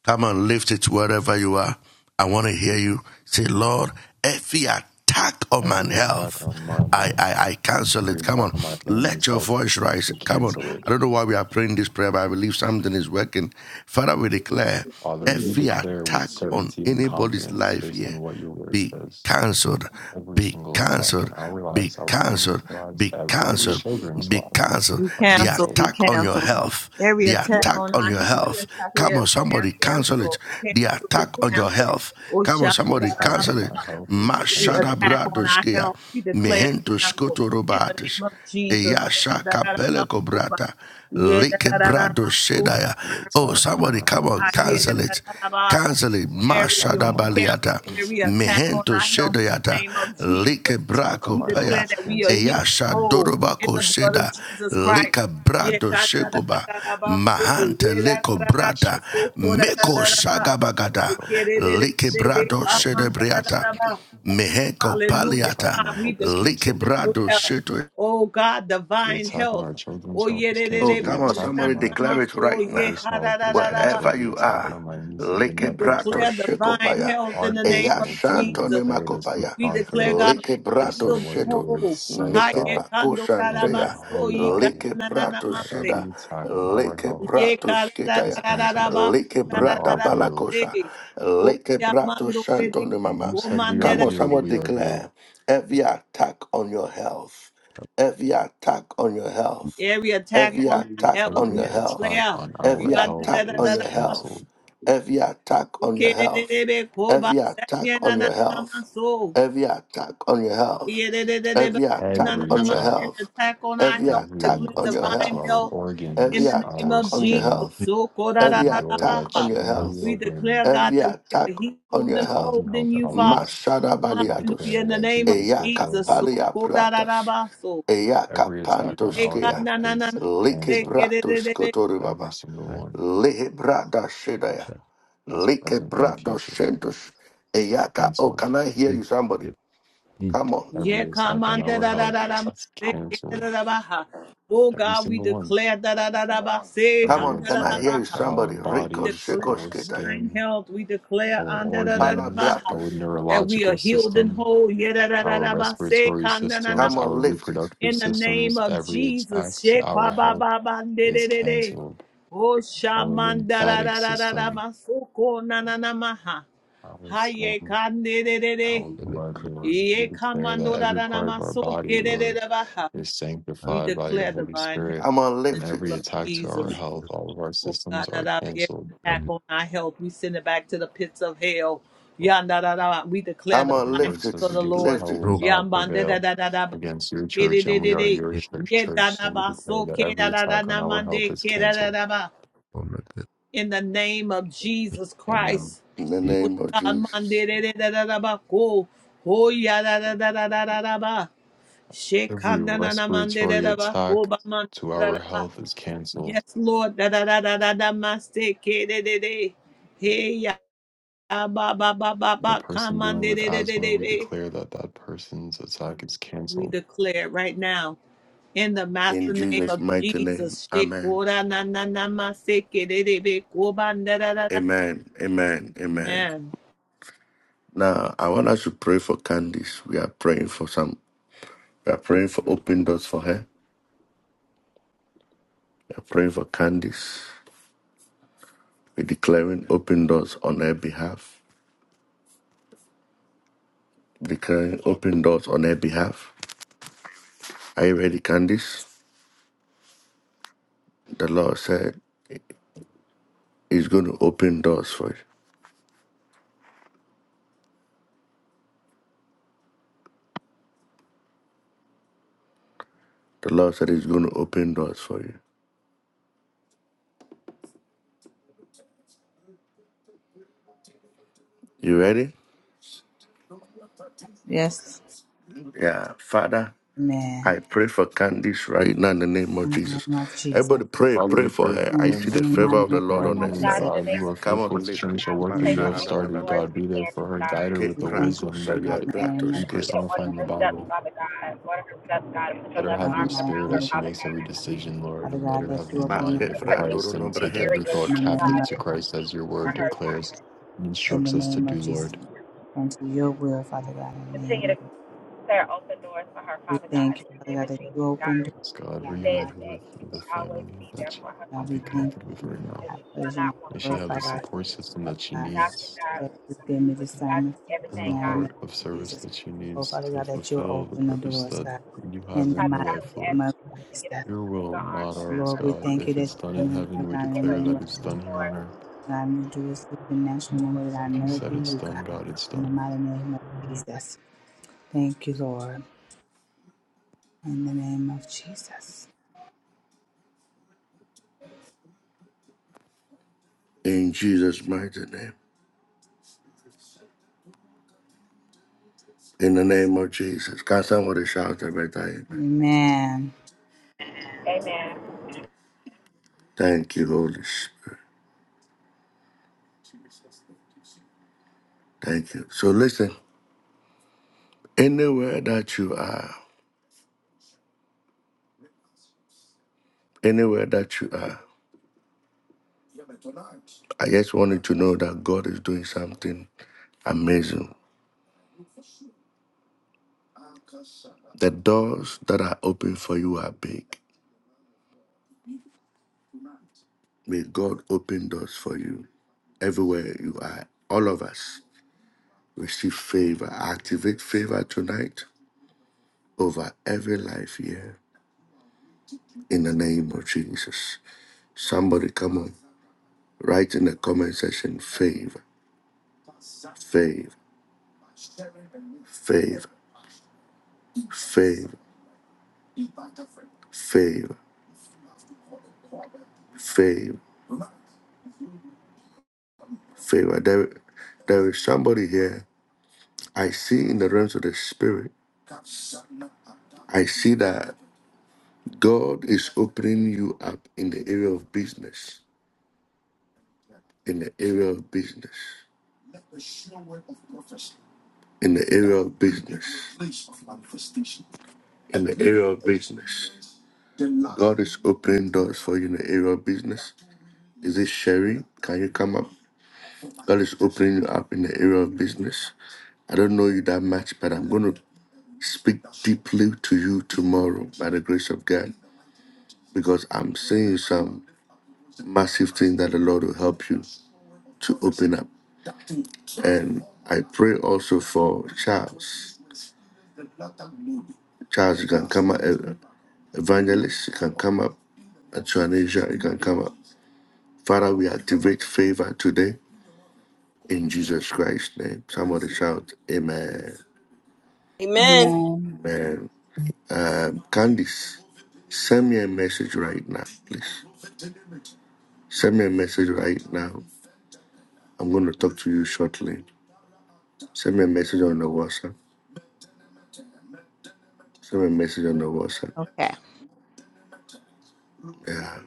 Speaker 10: Come and lift it wherever you are. I want to hear you say, Lord, every attack on my
Speaker 3: Every attack
Speaker 10: health,
Speaker 3: on my
Speaker 10: I,
Speaker 3: health,
Speaker 10: I, I cancel
Speaker 3: every
Speaker 10: it. Come on,
Speaker 3: attack on my
Speaker 10: let
Speaker 3: family's
Speaker 10: your
Speaker 3: health,
Speaker 10: voice rise.
Speaker 3: we
Speaker 10: Come on.
Speaker 3: cancel it.
Speaker 10: I don't know why we are praying this prayer, but I believe something is working. Father, we declare
Speaker 3: Father, we
Speaker 10: every
Speaker 3: declare with
Speaker 10: attack on
Speaker 3: certainty and
Speaker 10: anybody's
Speaker 3: confidence
Speaker 10: life
Speaker 3: based
Speaker 10: here,
Speaker 3: on what your word
Speaker 10: be
Speaker 3: says.
Speaker 10: cancelled,
Speaker 3: Every
Speaker 10: be
Speaker 3: single attack
Speaker 10: cancelled,
Speaker 3: in our
Speaker 10: be
Speaker 3: lives, our family's
Speaker 10: cancelled,
Speaker 3: lives,
Speaker 10: be
Speaker 3: our our
Speaker 10: cancelled,
Speaker 3: children's
Speaker 10: be
Speaker 3: lives
Speaker 10: cancelled.
Speaker 9: We
Speaker 3: are
Speaker 10: The
Speaker 9: cancel,
Speaker 3: canceled
Speaker 9: we
Speaker 10: attack on your
Speaker 9: cancel.
Speaker 10: health,
Speaker 9: Every
Speaker 10: the
Speaker 9: attack
Speaker 10: attack
Speaker 9: on
Speaker 10: on
Speaker 9: our
Speaker 10: your
Speaker 9: health, we
Speaker 10: health.
Speaker 9: declare
Speaker 10: Come on,
Speaker 9: is
Speaker 10: somebody cancel it.
Speaker 9: canceled, we
Speaker 10: The
Speaker 9: cancel, we
Speaker 10: attack on your
Speaker 9: cancel.
Speaker 10: health.
Speaker 9: Oh,
Speaker 10: Come on,
Speaker 3: The
Speaker 10: somebody
Speaker 3: attack
Speaker 10: cancel
Speaker 3: on
Speaker 10: it.
Speaker 3: my
Speaker 9: sha-da-da-da-ba-ba.
Speaker 3: health is
Speaker 9: Every
Speaker 10: Mashada
Speaker 3: canceled.
Speaker 9: attack on our
Speaker 10: bradoskia,
Speaker 9: health, we declare is
Speaker 10: mehento
Speaker 9: canceled.
Speaker 10: skoto
Speaker 9: In the name
Speaker 10: robatis.
Speaker 9: of Jesus.
Speaker 10: Eyasha Kapele Kobrata.
Speaker 9: Ye da
Speaker 10: Leke
Speaker 9: da da da
Speaker 10: Brado
Speaker 9: da, oh, come
Speaker 10: Shedaya.
Speaker 3: The
Speaker 9: on,
Speaker 10: Oh,
Speaker 9: my
Speaker 3: attack on
Speaker 9: God.
Speaker 10: somebody
Speaker 3: my
Speaker 10: come
Speaker 3: health
Speaker 10: on,
Speaker 9: Ah,
Speaker 3: is
Speaker 9: yeah, da
Speaker 10: cancel
Speaker 3: canceled.
Speaker 9: da
Speaker 10: it.
Speaker 9: da da da.
Speaker 10: Cancel it.
Speaker 3: The
Speaker 9: Every year
Speaker 3: attack
Speaker 10: Mashada
Speaker 3: on
Speaker 9: we
Speaker 3: my health
Speaker 9: cancel
Speaker 3: is
Speaker 10: Baliata.
Speaker 9: every
Speaker 3: canceled.
Speaker 9: attack on
Speaker 10: Mehento
Speaker 9: our health in the
Speaker 10: Shedayata.
Speaker 9: name of
Speaker 10: Leke
Speaker 9: Jesus.
Speaker 3: The attack on
Speaker 9: We
Speaker 10: Brako
Speaker 3: my health
Speaker 10: Paya.
Speaker 9: declare
Speaker 3: is
Speaker 9: that we are
Speaker 3: canceled.
Speaker 9: healed
Speaker 10: Eyasha
Speaker 9: whole in
Speaker 10: Dorobako
Speaker 9: the blood of
Speaker 10: Sheda.
Speaker 9: Jesus Christ.
Speaker 10: Lika
Speaker 9: Yeah,
Speaker 10: Brado
Speaker 9: da da da da
Speaker 10: Shekoba.
Speaker 9: da da ba, say,
Speaker 10: Mahante
Speaker 9: yeah, da da
Speaker 10: Leko
Speaker 3: The
Speaker 9: da da
Speaker 3: attack
Speaker 9: ba,
Speaker 10: Brata.
Speaker 9: so, ko,
Speaker 3: on
Speaker 9: da da
Speaker 10: Meko
Speaker 9: da da
Speaker 3: my health
Speaker 9: ba.
Speaker 10: Shagabagada.
Speaker 9: Okay, de de de
Speaker 10: Leke
Speaker 3: is
Speaker 9: de de,
Speaker 10: Brado
Speaker 3: canceled.
Speaker 9: ah, man, da da da
Speaker 10: Shedebriata.
Speaker 9: da ba.
Speaker 10: Meheko
Speaker 3: The
Speaker 9: Hallelujah,
Speaker 3: attack
Speaker 10: paliata,
Speaker 9: God. We decree and
Speaker 10: likebrado
Speaker 9: declare,
Speaker 10: Sheto
Speaker 9: oh God, divine
Speaker 3: on
Speaker 9: health.
Speaker 3: our children's
Speaker 9: Oh,
Speaker 3: health
Speaker 9: yeah,
Speaker 3: is
Speaker 9: de- de-
Speaker 4: Oh,
Speaker 3: canceled.
Speaker 9: de-
Speaker 3: The
Speaker 4: come on,
Speaker 9: oh,
Speaker 3: attack on
Speaker 9: na-
Speaker 4: somebody
Speaker 9: na-
Speaker 3: my
Speaker 9: na-
Speaker 4: declare
Speaker 9: ma-
Speaker 4: it
Speaker 9: so,
Speaker 4: right now.
Speaker 9: yeah,
Speaker 3: brother's
Speaker 9: ha-
Speaker 3: health
Speaker 9: da- da-
Speaker 3: is
Speaker 9: da- da- ba.
Speaker 4: Wherever
Speaker 3: canceled. The
Speaker 4: you
Speaker 3: attack
Speaker 11: by
Speaker 4: are.
Speaker 3: on my nieces and
Speaker 4: Leke
Speaker 9: we
Speaker 3: nephews'
Speaker 4: brato
Speaker 3: health
Speaker 9: declare divine
Speaker 4: shekopaya.
Speaker 9: health in
Speaker 3: are
Speaker 9: the name
Speaker 4: Eya
Speaker 9: of
Speaker 3: canceled. We
Speaker 4: shantone
Speaker 9: Jesus.
Speaker 3: declare this with
Speaker 4: makopaya.
Speaker 9: We declare,
Speaker 3: confidence
Speaker 9: God,
Speaker 4: Leke
Speaker 9: that we are
Speaker 3: based
Speaker 4: brato
Speaker 3: on
Speaker 9: healed
Speaker 3: what
Speaker 9: and
Speaker 3: your
Speaker 4: sheto.
Speaker 3: word
Speaker 9: whole.
Speaker 3: says,
Speaker 9: Ha-
Speaker 4: Meke
Speaker 9: yeah,
Speaker 3: God,
Speaker 4: pako
Speaker 9: kando- da- da-
Speaker 3: in your
Speaker 9: ma-
Speaker 4: shanteya.
Speaker 9: so,
Speaker 3: holy
Speaker 9: ye- ka-
Speaker 3: Bible,
Speaker 4: Leke
Speaker 9: na- na- na-
Speaker 4: brato
Speaker 3: that
Speaker 9: ma-
Speaker 4: sheda.
Speaker 9: se.
Speaker 3: every attack on our
Speaker 4: Leke
Speaker 3: health
Speaker 9: Ye-
Speaker 4: brato
Speaker 9: ka- da-
Speaker 3: is
Speaker 9: da-
Speaker 4: shketaya.
Speaker 9: da- da- da-
Speaker 3: canceled.
Speaker 9: ba-
Speaker 4: Leke
Speaker 9: da-
Speaker 3: We
Speaker 9: da-
Speaker 4: brata
Speaker 9: da-
Speaker 3: are
Speaker 9: da- ba-
Speaker 3: healed.
Speaker 9: se.
Speaker 4: palakosha.
Speaker 9: Oh,
Speaker 4: Leke
Speaker 9: yeah,
Speaker 4: brato
Speaker 9: mando- de-
Speaker 4: shantone mama.
Speaker 3: You said we are
Speaker 4: Come
Speaker 9: de-
Speaker 4: on,
Speaker 3: healed.
Speaker 4: someone
Speaker 3: We are healed.
Speaker 4: declare every attack on your health. Every attack on your health
Speaker 9: Every attack
Speaker 4: every
Speaker 9: on our
Speaker 4: attack
Speaker 9: health,
Speaker 4: on
Speaker 9: we
Speaker 4: your
Speaker 3: Every attack
Speaker 4: health,
Speaker 9: declare.
Speaker 3: on
Speaker 4: every
Speaker 3: our health
Speaker 4: attack on
Speaker 3: is
Speaker 4: your
Speaker 9: Yadadadadada.
Speaker 4: health,
Speaker 3: canceled.
Speaker 4: every attack on your health,
Speaker 9: Ukedededebe koba
Speaker 4: every
Speaker 9: sanya
Speaker 4: attack
Speaker 9: na
Speaker 4: on
Speaker 9: na
Speaker 4: your
Speaker 9: na na ma
Speaker 4: health,
Speaker 9: so.
Speaker 4: every attack on your health,
Speaker 9: Yedededebe
Speaker 4: every
Speaker 9: na
Speaker 4: attack
Speaker 9: na
Speaker 3: Every
Speaker 4: on
Speaker 9: na ma.
Speaker 4: your
Speaker 3: attack,
Speaker 9: Every
Speaker 4: health,
Speaker 9: attack on our
Speaker 4: every
Speaker 9: health, we
Speaker 4: attack
Speaker 3: every
Speaker 9: declare
Speaker 4: on your
Speaker 3: attack to
Speaker 9: divine
Speaker 4: health,
Speaker 3: our
Speaker 9: health
Speaker 4: every
Speaker 9: in
Speaker 3: organs,
Speaker 9: the name
Speaker 3: our
Speaker 9: of
Speaker 4: attack on your
Speaker 9: Jesus.
Speaker 3: skin,
Speaker 11: three
Speaker 4: health,
Speaker 9: So
Speaker 3: every
Speaker 4: every
Speaker 3: door
Speaker 4: attack
Speaker 3: that
Speaker 4: on
Speaker 9: kodadadadabaha.
Speaker 4: your
Speaker 3: shouldn't
Speaker 11: hours
Speaker 3: be
Speaker 4: health,
Speaker 9: We
Speaker 3: open,
Speaker 9: declare, God,
Speaker 4: every
Speaker 9: that we
Speaker 4: attack
Speaker 9: are
Speaker 4: on
Speaker 9: healed
Speaker 4: your
Speaker 3: that's
Speaker 9: and
Speaker 4: health.
Speaker 9: whole
Speaker 3: causing health
Speaker 9: in you, Father.
Speaker 3: problems.
Speaker 4: Mashada
Speaker 3: We
Speaker 4: baliatus,
Speaker 9: Hallelujah.
Speaker 3: declare
Speaker 9: In the
Speaker 3: that
Speaker 9: name of
Speaker 3: Jesus will
Speaker 4: eyaka
Speaker 3: close
Speaker 9: Jesus. So
Speaker 3: it.
Speaker 4: palia pratas,
Speaker 9: kodadadabaso.
Speaker 4: eyaka
Speaker 3: Every attack on our
Speaker 9: Yeka
Speaker 4: pantoskea,
Speaker 3: health
Speaker 9: na na na
Speaker 3: is
Speaker 4: like
Speaker 3: canceled,
Speaker 4: bratus
Speaker 9: na.
Speaker 3: every
Speaker 4: kotoribaba,
Speaker 3: single
Speaker 11: supply
Speaker 3: one,
Speaker 4: lehe brada shedaya,
Speaker 11: shall
Speaker 3: past,
Speaker 4: like
Speaker 3: present, and
Speaker 4: brados
Speaker 3: future.
Speaker 4: shentus, eyaka. Oh,
Speaker 3: Canceled.
Speaker 4: can I hear
Speaker 11: seek
Speaker 4: you, somebody?
Speaker 11: the meat
Speaker 4: Come on,
Speaker 9: Yeah,
Speaker 3: Every attack
Speaker 9: come
Speaker 3: on
Speaker 9: on, da
Speaker 3: our
Speaker 9: da da
Speaker 3: health
Speaker 9: da da.
Speaker 3: is
Speaker 9: say, da,
Speaker 3: canceled,
Speaker 9: da, da, ba, ha. Oh
Speaker 3: every
Speaker 9: God, we
Speaker 3: single one.
Speaker 9: declare da da da da ba say
Speaker 4: come
Speaker 9: ha,
Speaker 3: Every
Speaker 4: on,
Speaker 9: da
Speaker 4: can
Speaker 9: da
Speaker 4: I
Speaker 9: da
Speaker 3: attack
Speaker 4: hear you,
Speaker 9: ba ha.
Speaker 3: to our
Speaker 4: somebody?
Speaker 9: We
Speaker 4: Rico
Speaker 3: bodies,
Speaker 9: declare
Speaker 4: shekos
Speaker 3: our
Speaker 4: ketaya,
Speaker 9: divine
Speaker 3: skin,
Speaker 9: health. We declare
Speaker 3: our
Speaker 9: on da da da da ba
Speaker 3: organs,
Speaker 9: ha,
Speaker 3: our
Speaker 4: palabratus.
Speaker 9: that we are
Speaker 3: neurological
Speaker 9: healed and
Speaker 3: system,
Speaker 9: whole. Yeah, da da da
Speaker 3: our
Speaker 9: da ba say
Speaker 3: respiratory
Speaker 9: kan da na na.
Speaker 3: systems,
Speaker 4: Come
Speaker 9: ba.
Speaker 3: our
Speaker 4: on, lift it.
Speaker 3: reproductive
Speaker 9: In the name
Speaker 3: systems,
Speaker 9: of
Speaker 3: every
Speaker 9: Jesus,
Speaker 3: attack
Speaker 9: she
Speaker 3: to our
Speaker 9: kwa ba
Speaker 3: health
Speaker 9: ba ba de
Speaker 3: is
Speaker 9: de de de.
Speaker 3: canceled
Speaker 9: Oh
Speaker 3: Our
Speaker 9: shaman da da
Speaker 3: lymphatic
Speaker 9: da da da da
Speaker 3: system,
Speaker 9: ba so ko na na na ma ha.
Speaker 3: our
Speaker 9: Haye
Speaker 3: skin,
Speaker 9: kan de de de de.
Speaker 3: our blood,
Speaker 11: electric
Speaker 3: Lord. We
Speaker 9: Ye
Speaker 3: declare that
Speaker 9: kamando da
Speaker 3: every
Speaker 9: da na
Speaker 3: part of our
Speaker 9: maso
Speaker 3: body,
Speaker 9: de
Speaker 3: Lord,
Speaker 9: da baha.
Speaker 3: is
Speaker 11: and
Speaker 9: We
Speaker 3: sanctified by your
Speaker 9: declare
Speaker 3: Holy
Speaker 9: divine health
Speaker 3: Spirit,
Speaker 4: Come on,
Speaker 3: and
Speaker 4: lift
Speaker 9: in
Speaker 4: it.
Speaker 9: the
Speaker 3: every
Speaker 9: name of
Speaker 3: attack to our
Speaker 9: Jesus.
Speaker 3: health,
Speaker 11: the
Speaker 8: the
Speaker 3: all of our
Speaker 9: Oh God,
Speaker 3: systems
Speaker 9: that
Speaker 3: are
Speaker 9: our every
Speaker 3: canceled.
Speaker 9: attack on our health, we send it back to the pits of hell. Yanda da da. da. We declare
Speaker 4: Come
Speaker 9: the
Speaker 3: But your
Speaker 4: on,
Speaker 9: divine
Speaker 3: word
Speaker 4: lift it.
Speaker 3: says
Speaker 9: health of
Speaker 3: the
Speaker 9: the
Speaker 3: gates of
Speaker 9: Lord.
Speaker 4: Lift
Speaker 3: hell
Speaker 4: it.
Speaker 3: will
Speaker 11: through
Speaker 3: not
Speaker 9: Yambande da
Speaker 3: prevail
Speaker 9: da da da. ba.
Speaker 3: against your
Speaker 9: Ke de
Speaker 3: church,
Speaker 9: de
Speaker 3: and we
Speaker 9: de
Speaker 3: are your
Speaker 11: it
Speaker 3: church,
Speaker 9: Ye da
Speaker 3: church. So
Speaker 9: da
Speaker 3: we
Speaker 9: ba
Speaker 3: declare
Speaker 9: so
Speaker 3: that
Speaker 9: da
Speaker 3: every
Speaker 9: da da
Speaker 3: attack on
Speaker 9: na
Speaker 3: our health
Speaker 9: mande
Speaker 3: is
Speaker 9: da da
Speaker 3: canceled.
Speaker 9: ba.
Speaker 11: on
Speaker 9: In the name of Jesus
Speaker 3: Amen.
Speaker 9: Christ.
Speaker 4: In the
Speaker 11: the
Speaker 9: Oh
Speaker 4: name of
Speaker 9: God, mande
Speaker 4: Jesus.
Speaker 9: de de de- da da da ba. Go. Oh ya da da da da da da da ba.
Speaker 3: Every
Speaker 9: Shekanda na na mande da
Speaker 3: respiratory
Speaker 9: da ba,
Speaker 3: attack
Speaker 9: koba mande
Speaker 3: to
Speaker 9: da
Speaker 3: our
Speaker 9: da ba.
Speaker 3: health is canceled
Speaker 9: Yes, Lord. Da da da da da da maste ke de de de. Hey ya ba ba ba ba
Speaker 3: The
Speaker 9: ba
Speaker 3: person dealing
Speaker 9: kamande
Speaker 3: with
Speaker 9: de de de
Speaker 3: asthma,
Speaker 9: de
Speaker 3: we
Speaker 9: de.
Speaker 3: declare that that person's attack is
Speaker 9: We
Speaker 3: canceled.
Speaker 9: declare right now in the
Speaker 4: In
Speaker 9: master name
Speaker 4: Jesus'
Speaker 9: of
Speaker 4: mighty name.
Speaker 9: Jesus.
Speaker 4: Amen.
Speaker 9: Shekora na na na maste ke de de de koba da da da da.
Speaker 4: Amen. Amen. Amen.
Speaker 9: Amen.
Speaker 4: Now I want us to pray for Candice. We are praying for some we are praying for open doors for her. We are praying for Candice. We're declaring open doors on her behalf. Declaring open doors on her behalf. Are you ready, Candice? The Lord said He's going to open doors for you. The Lord said He's going to open doors for you. You ready?
Speaker 12: Yes.
Speaker 4: Yeah. Father,
Speaker 12: Amen.
Speaker 4: I pray for Candice right now in the name of
Speaker 12: In the
Speaker 4: Jesus.
Speaker 12: name of Jesus. Thank
Speaker 4: Everybody pray,
Speaker 3: Father,
Speaker 4: pray
Speaker 3: we
Speaker 4: for
Speaker 3: pray
Speaker 4: her. I
Speaker 3: for
Speaker 12: you
Speaker 3: him
Speaker 4: see the
Speaker 12: in the
Speaker 3: in
Speaker 4: favor of
Speaker 12: mighty
Speaker 3: Jesus'
Speaker 4: the
Speaker 12: name
Speaker 4: Lord
Speaker 12: of
Speaker 3: mighty
Speaker 4: on her
Speaker 13: Father
Speaker 3: name,
Speaker 13: God,
Speaker 4: side.
Speaker 12: Jesus.
Speaker 13: in the
Speaker 3: God.
Speaker 13: name
Speaker 3: You
Speaker 13: of
Speaker 3: are
Speaker 4: Come
Speaker 13: Jesus,
Speaker 3: faithful
Speaker 4: on,
Speaker 3: to
Speaker 4: lift
Speaker 13: Father
Speaker 4: it.
Speaker 3: finish the
Speaker 13: God,
Speaker 12: In
Speaker 13: we
Speaker 3: work
Speaker 4: Ma
Speaker 3: that
Speaker 13: pray
Speaker 12: the
Speaker 3: you
Speaker 4: sha
Speaker 13: for
Speaker 3: have
Speaker 4: na
Speaker 12: name
Speaker 4: na
Speaker 13: open
Speaker 4: na na
Speaker 3: started,
Speaker 4: na
Speaker 13: doors
Speaker 4: na
Speaker 3: God.
Speaker 13: for
Speaker 3: Be there for
Speaker 13: Candace,
Speaker 3: her, guide
Speaker 13: God.
Speaker 3: her
Speaker 4: Ke
Speaker 3: with
Speaker 12: we
Speaker 3: the
Speaker 12: thank
Speaker 4: prako
Speaker 3: wisdom
Speaker 12: you,
Speaker 3: that
Speaker 12: Father
Speaker 4: shaga
Speaker 12: God,
Speaker 3: you,
Speaker 12: in the
Speaker 13: And that
Speaker 4: brato
Speaker 12: name
Speaker 13: you
Speaker 12: of
Speaker 3: you
Speaker 12: Jesus.
Speaker 4: skeva.
Speaker 13: continue to
Speaker 3: personify
Speaker 13: order
Speaker 12: Thank you,
Speaker 3: in the
Speaker 13: her steps,
Speaker 3: Bible.
Speaker 13: Father God. Order her steps, God, and put your
Speaker 3: Let her
Speaker 13: loving
Speaker 12: God,
Speaker 3: have
Speaker 12: in
Speaker 3: your
Speaker 12: the
Speaker 13: arms
Speaker 12: mighty
Speaker 13: around
Speaker 3: spirit
Speaker 13: her,
Speaker 12: name
Speaker 3: as
Speaker 12: of
Speaker 3: she
Speaker 12: Jesus.
Speaker 13: Father
Speaker 3: makes every
Speaker 13: God.
Speaker 3: decision, Lord,
Speaker 12: Father
Speaker 3: and let
Speaker 12: God,
Speaker 3: her
Speaker 12: that
Speaker 3: have the
Speaker 12: you
Speaker 4: Ma
Speaker 12: open
Speaker 3: mind
Speaker 12: up
Speaker 4: ke
Speaker 13: Pray
Speaker 3: of
Speaker 12: the-
Speaker 13: for
Speaker 3: Christ
Speaker 4: prandoro
Speaker 3: and
Speaker 4: nombre
Speaker 13: increasing
Speaker 3: take every
Speaker 13: areas,
Speaker 12: in
Speaker 3: thought
Speaker 4: hendos.
Speaker 12: the
Speaker 13: Father
Speaker 12: name
Speaker 13: God,
Speaker 3: captive
Speaker 12: of
Speaker 3: to
Speaker 13: that you
Speaker 3: Christ
Speaker 13: speak
Speaker 3: as your
Speaker 13: for
Speaker 3: word
Speaker 12: God. We,
Speaker 13: her, God.
Speaker 3: declares and
Speaker 12: in the
Speaker 3: instructs us to
Speaker 12: name of
Speaker 3: do,
Speaker 12: Jesus.
Speaker 3: Lord.
Speaker 12: Unto your will, Father God, in the name
Speaker 13: Continue to
Speaker 12: of
Speaker 13: There open doors for her,
Speaker 12: we
Speaker 13: Father God,
Speaker 12: thank you,
Speaker 13: in the
Speaker 12: Father
Speaker 13: name
Speaker 12: God,
Speaker 13: of
Speaker 12: that you
Speaker 13: Jesus,
Speaker 12: open
Speaker 13: God.
Speaker 12: doors,
Speaker 3: Yes, God,
Speaker 13: You
Speaker 12: God, in the mighty
Speaker 3: reunite
Speaker 13: said
Speaker 12: name.
Speaker 13: that
Speaker 3: her
Speaker 13: you
Speaker 3: with the
Speaker 13: will always
Speaker 3: family
Speaker 13: be
Speaker 3: that
Speaker 13: there
Speaker 3: she
Speaker 13: for her,
Speaker 3: would
Speaker 13: Father
Speaker 12: We
Speaker 3: be
Speaker 13: God,
Speaker 12: thank
Speaker 3: connected with
Speaker 12: you.
Speaker 3: right now.
Speaker 13: that
Speaker 12: I
Speaker 13: she shall
Speaker 12: praise you and
Speaker 13: not
Speaker 12: I
Speaker 13: want,
Speaker 3: May she
Speaker 13: Father
Speaker 3: have
Speaker 12: glorify
Speaker 3: the
Speaker 12: you. I
Speaker 13: God.
Speaker 12: trust
Speaker 3: support
Speaker 12: you,
Speaker 3: system
Speaker 12: Father
Speaker 3: that she
Speaker 12: God.
Speaker 13: Thou she
Speaker 3: needs
Speaker 13: God,
Speaker 12: God, you gave me
Speaker 13: which
Speaker 12: this
Speaker 13: God
Speaker 12: time
Speaker 3: and
Speaker 12: in
Speaker 3: the
Speaker 12: the
Speaker 13: everything, God.
Speaker 12: name of
Speaker 3: heart of service
Speaker 12: Jesus.
Speaker 3: that she
Speaker 12: Oh,
Speaker 3: needs
Speaker 12: Father
Speaker 3: to
Speaker 12: God, that you'll
Speaker 3: fulfill the
Speaker 12: open the
Speaker 3: purpose
Speaker 12: doors,
Speaker 3: that
Speaker 12: God,
Speaker 3: you have
Speaker 12: in the
Speaker 3: in
Speaker 13: Father
Speaker 3: her
Speaker 12: mighty
Speaker 13: God,
Speaker 3: life,
Speaker 13: we ask
Speaker 12: name
Speaker 3: Lord.
Speaker 12: of
Speaker 13: you to get up,
Speaker 12: Jesus.
Speaker 3: Your
Speaker 13: and put
Speaker 3: will,
Speaker 13: your arms
Speaker 3: not
Speaker 13: around
Speaker 3: ours,
Speaker 12: Lord,
Speaker 13: her,
Speaker 12: we
Speaker 3: God.
Speaker 12: thank you
Speaker 3: If
Speaker 12: that
Speaker 3: it's done
Speaker 12: you're
Speaker 3: in
Speaker 12: going to do
Speaker 3: heaven,
Speaker 12: it,
Speaker 3: we
Speaker 12: God, in
Speaker 13: get
Speaker 12: the
Speaker 13: her
Speaker 3: declare
Speaker 12: name
Speaker 3: that
Speaker 12: of
Speaker 3: it's
Speaker 13: moving,
Speaker 3: done here
Speaker 13: Lord.
Speaker 3: on earth.
Speaker 12: God, and do it supernatural in the way that I
Speaker 3: If you
Speaker 12: know it
Speaker 3: said
Speaker 12: be
Speaker 3: it's
Speaker 12: you, God,
Speaker 3: done, God, it's
Speaker 12: in the
Speaker 3: done.
Speaker 12: mighty name of Jesus. Thank you, Lord, in the name of Jesus.
Speaker 4: In Jesus' mighty name. In the name of Jesus. Can somebody shout every time?
Speaker 12: Amen.
Speaker 13: Amen.
Speaker 4: Thank you, Holy Spirit. Thank you. So listen, anywhere that you are, Anywhere that you are, I just want you to know that God is doing something amazing. The doors that are open for you are big. May God open doors for you everywhere you are. All of us receive favor. Activate favor tonight over every life here in the name of Jesus. Somebody come on, write in the comment section favor, favor, favor, favor, favor, favor, favor. There, there is somebody here. I see in the realms of the spirit. I see that God is opening you up in the area of business. In the area of business. In the area of business. In the area of business. God is opening doors for you in the area of business. Is it Sherry? Can you come up? God is opening you up in the area of business. I don't know you that much, but I'm going to speak deeply to you tomorrow by the grace of God. because I'm seeing some massive thing that the Lord will help you to open up. And I pray also for Charles. Charles, you can come up. ev- Evangelist, you can come up. Atrenesia, you can come up. Father, we activate favor today in Jesus Christ's name. Somebody shout, Amen.
Speaker 7: Amen.
Speaker 14: Amen.
Speaker 4: Amen. Um, Candice, send me a message right now, please. Send me a message right now. I'm going to talk to you shortly. Send me a message on the WhatsApp. Send me a message on the WhatsApp.
Speaker 12: Okay.
Speaker 4: Yeah,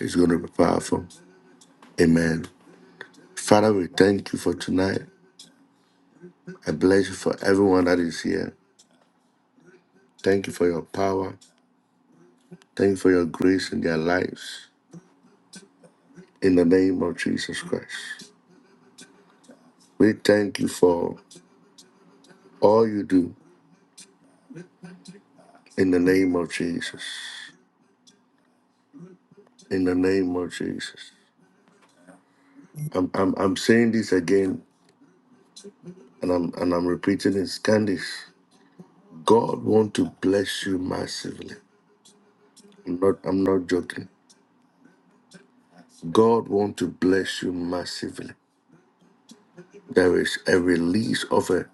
Speaker 4: it's going to be powerful. Amen. Father, we thank you for tonight. I bless you for everyone that is here. Thank you for your power. Thank you for your grace in their lives. In the name of Jesus Christ. We thank you for all you do in the name of Jesus. In the name of Jesus. I'm, I'm, I'm saying this again and I'm and I'm repeating it. Candice, God want to bless you massively. I'm not I'm not joking. God want to bless you massively. There is a release of a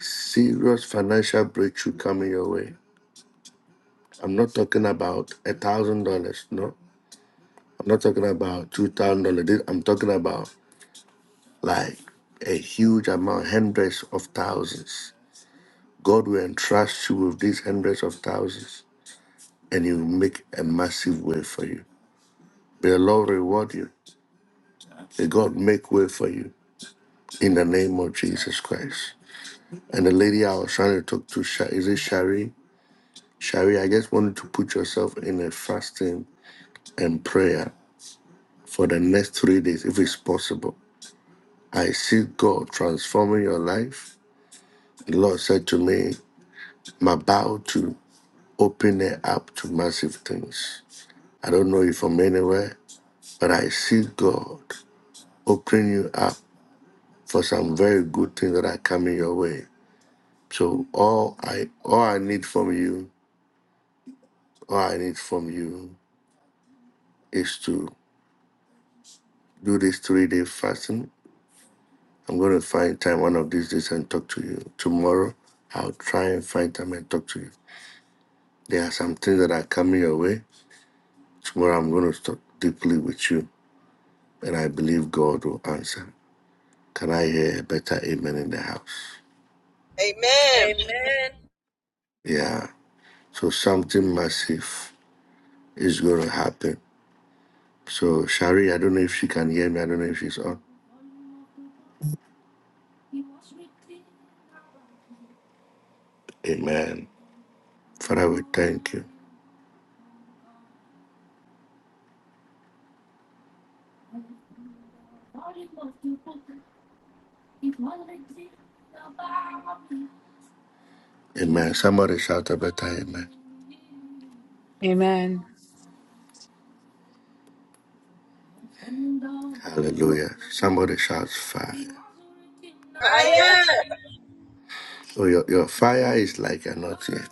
Speaker 4: serious financial breakthrough coming your way. I'm not talking about a thousand dollars, no. I'm not talking about two thousand dollars. I'm talking about like a huge amount, hundreds of thousands. God will entrust you with these hundreds of thousands and He will make a massive way for you. May the Lord reward you. May God make way for you in the name of Jesus Christ. And the lady I was trying to talk to, Sha- is it Shari? Shari, I just wanted to put yourself in a fasting and prayer for the next three days, if it's possible. I see God transforming your life. The Lord said to me, I'm about to open it up to massive things. I don't know you from anywhere, but I see God opening you up for some very good things that are coming your way. So all I all I need from you, all I need from you is to do this three day fasting. I'm going to find time one of these days and talk to you. Tomorrow, I'll try and find time and talk to you. There are some things that are coming your way. Tomorrow, I'm going to talk deeply with you, and I believe God will answer. Can I hear a better amen in the house?
Speaker 7: Amen.
Speaker 4: Yeah. So, something massive is going to happen. So, Shari, I don't know if she can hear me. I don't know if she's on. Amen. Father, we thank you. Amen. Somebody shout a better amen.
Speaker 14: Amen.
Speaker 4: Hallelujah. Somebody shouts fire.
Speaker 7: Amen.
Speaker 4: So your, your fire is like you're not yet,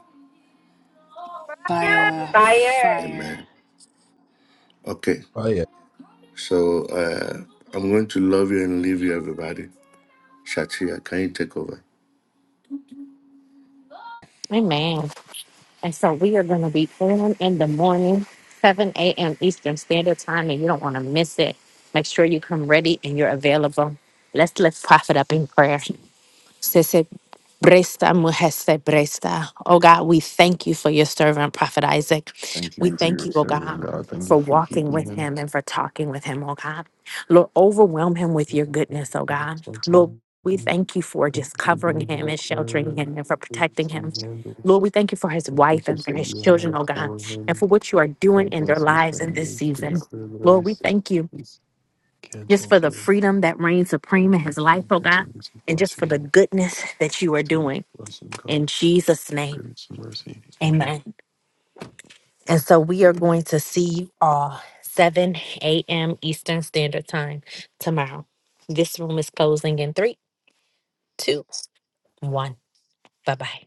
Speaker 14: Fire,
Speaker 13: Fire.
Speaker 14: fire,
Speaker 4: Amen. Okay.
Speaker 11: fire.
Speaker 4: So uh, I'm going to love you and leave you, everybody. Shatia, can you take over?
Speaker 1: Amen. And so we are going to be on in the morning, 7 a.m. Eastern Standard Time, and you don't want to miss it. Make sure you come ready and you're available. Let's lift profit up in prayer. Bresta muheste bresta. Oh God, we thank you for your servant, Prophet Isaac.
Speaker 3: Thank you
Speaker 1: We
Speaker 3: for
Speaker 1: thank
Speaker 3: your
Speaker 1: you, oh
Speaker 3: servant,
Speaker 1: God,
Speaker 3: God. Thank you
Speaker 1: for
Speaker 3: for
Speaker 1: walking
Speaker 3: keeping
Speaker 1: with
Speaker 3: him.
Speaker 1: him and for talking with him, oh God. Lord, overwhelm him with
Speaker 3: Thank
Speaker 1: your
Speaker 3: you
Speaker 1: goodness, oh God. Lord, we thank you for just
Speaker 3: for
Speaker 1: covering
Speaker 3: giving him
Speaker 1: him
Speaker 3: the
Speaker 1: and sheltering
Speaker 3: clarity
Speaker 1: him and for
Speaker 3: to
Speaker 1: protecting him.
Speaker 3: handle
Speaker 1: Lord, we thank you for his
Speaker 3: the
Speaker 1: wife and
Speaker 3: purpose
Speaker 1: for
Speaker 3: that
Speaker 1: his
Speaker 3: you
Speaker 1: children,
Speaker 3: have
Speaker 1: oh God,
Speaker 3: for
Speaker 1: and
Speaker 3: him
Speaker 1: for what you are doing
Speaker 3: God
Speaker 1: in their
Speaker 3: bless his
Speaker 1: lives in this
Speaker 3: family. We
Speaker 1: season.
Speaker 3: declare that every
Speaker 1: Lord, we
Speaker 3: sickness
Speaker 1: thank you
Speaker 3: is
Speaker 1: just
Speaker 3: canceled,
Speaker 1: for the
Speaker 3: Lord.
Speaker 1: freedom that reigns
Speaker 3: Thank
Speaker 1: supreme in
Speaker 3: you
Speaker 1: his
Speaker 3: for
Speaker 1: life, oh God,
Speaker 3: continuously
Speaker 1: and just
Speaker 3: blessing
Speaker 1: for the
Speaker 3: him.
Speaker 1: goodness that you are
Speaker 3: Continue
Speaker 1: doing.
Speaker 3: to bless him, God.
Speaker 1: In
Speaker 3: for
Speaker 1: Jesus' name,
Speaker 3: Goodness and mercy. Amen.
Speaker 1: amen. And so we are going to see you all 7 a.m. Eastern Standard Time tomorrow. This room is closing in three, two, one. Bye bye.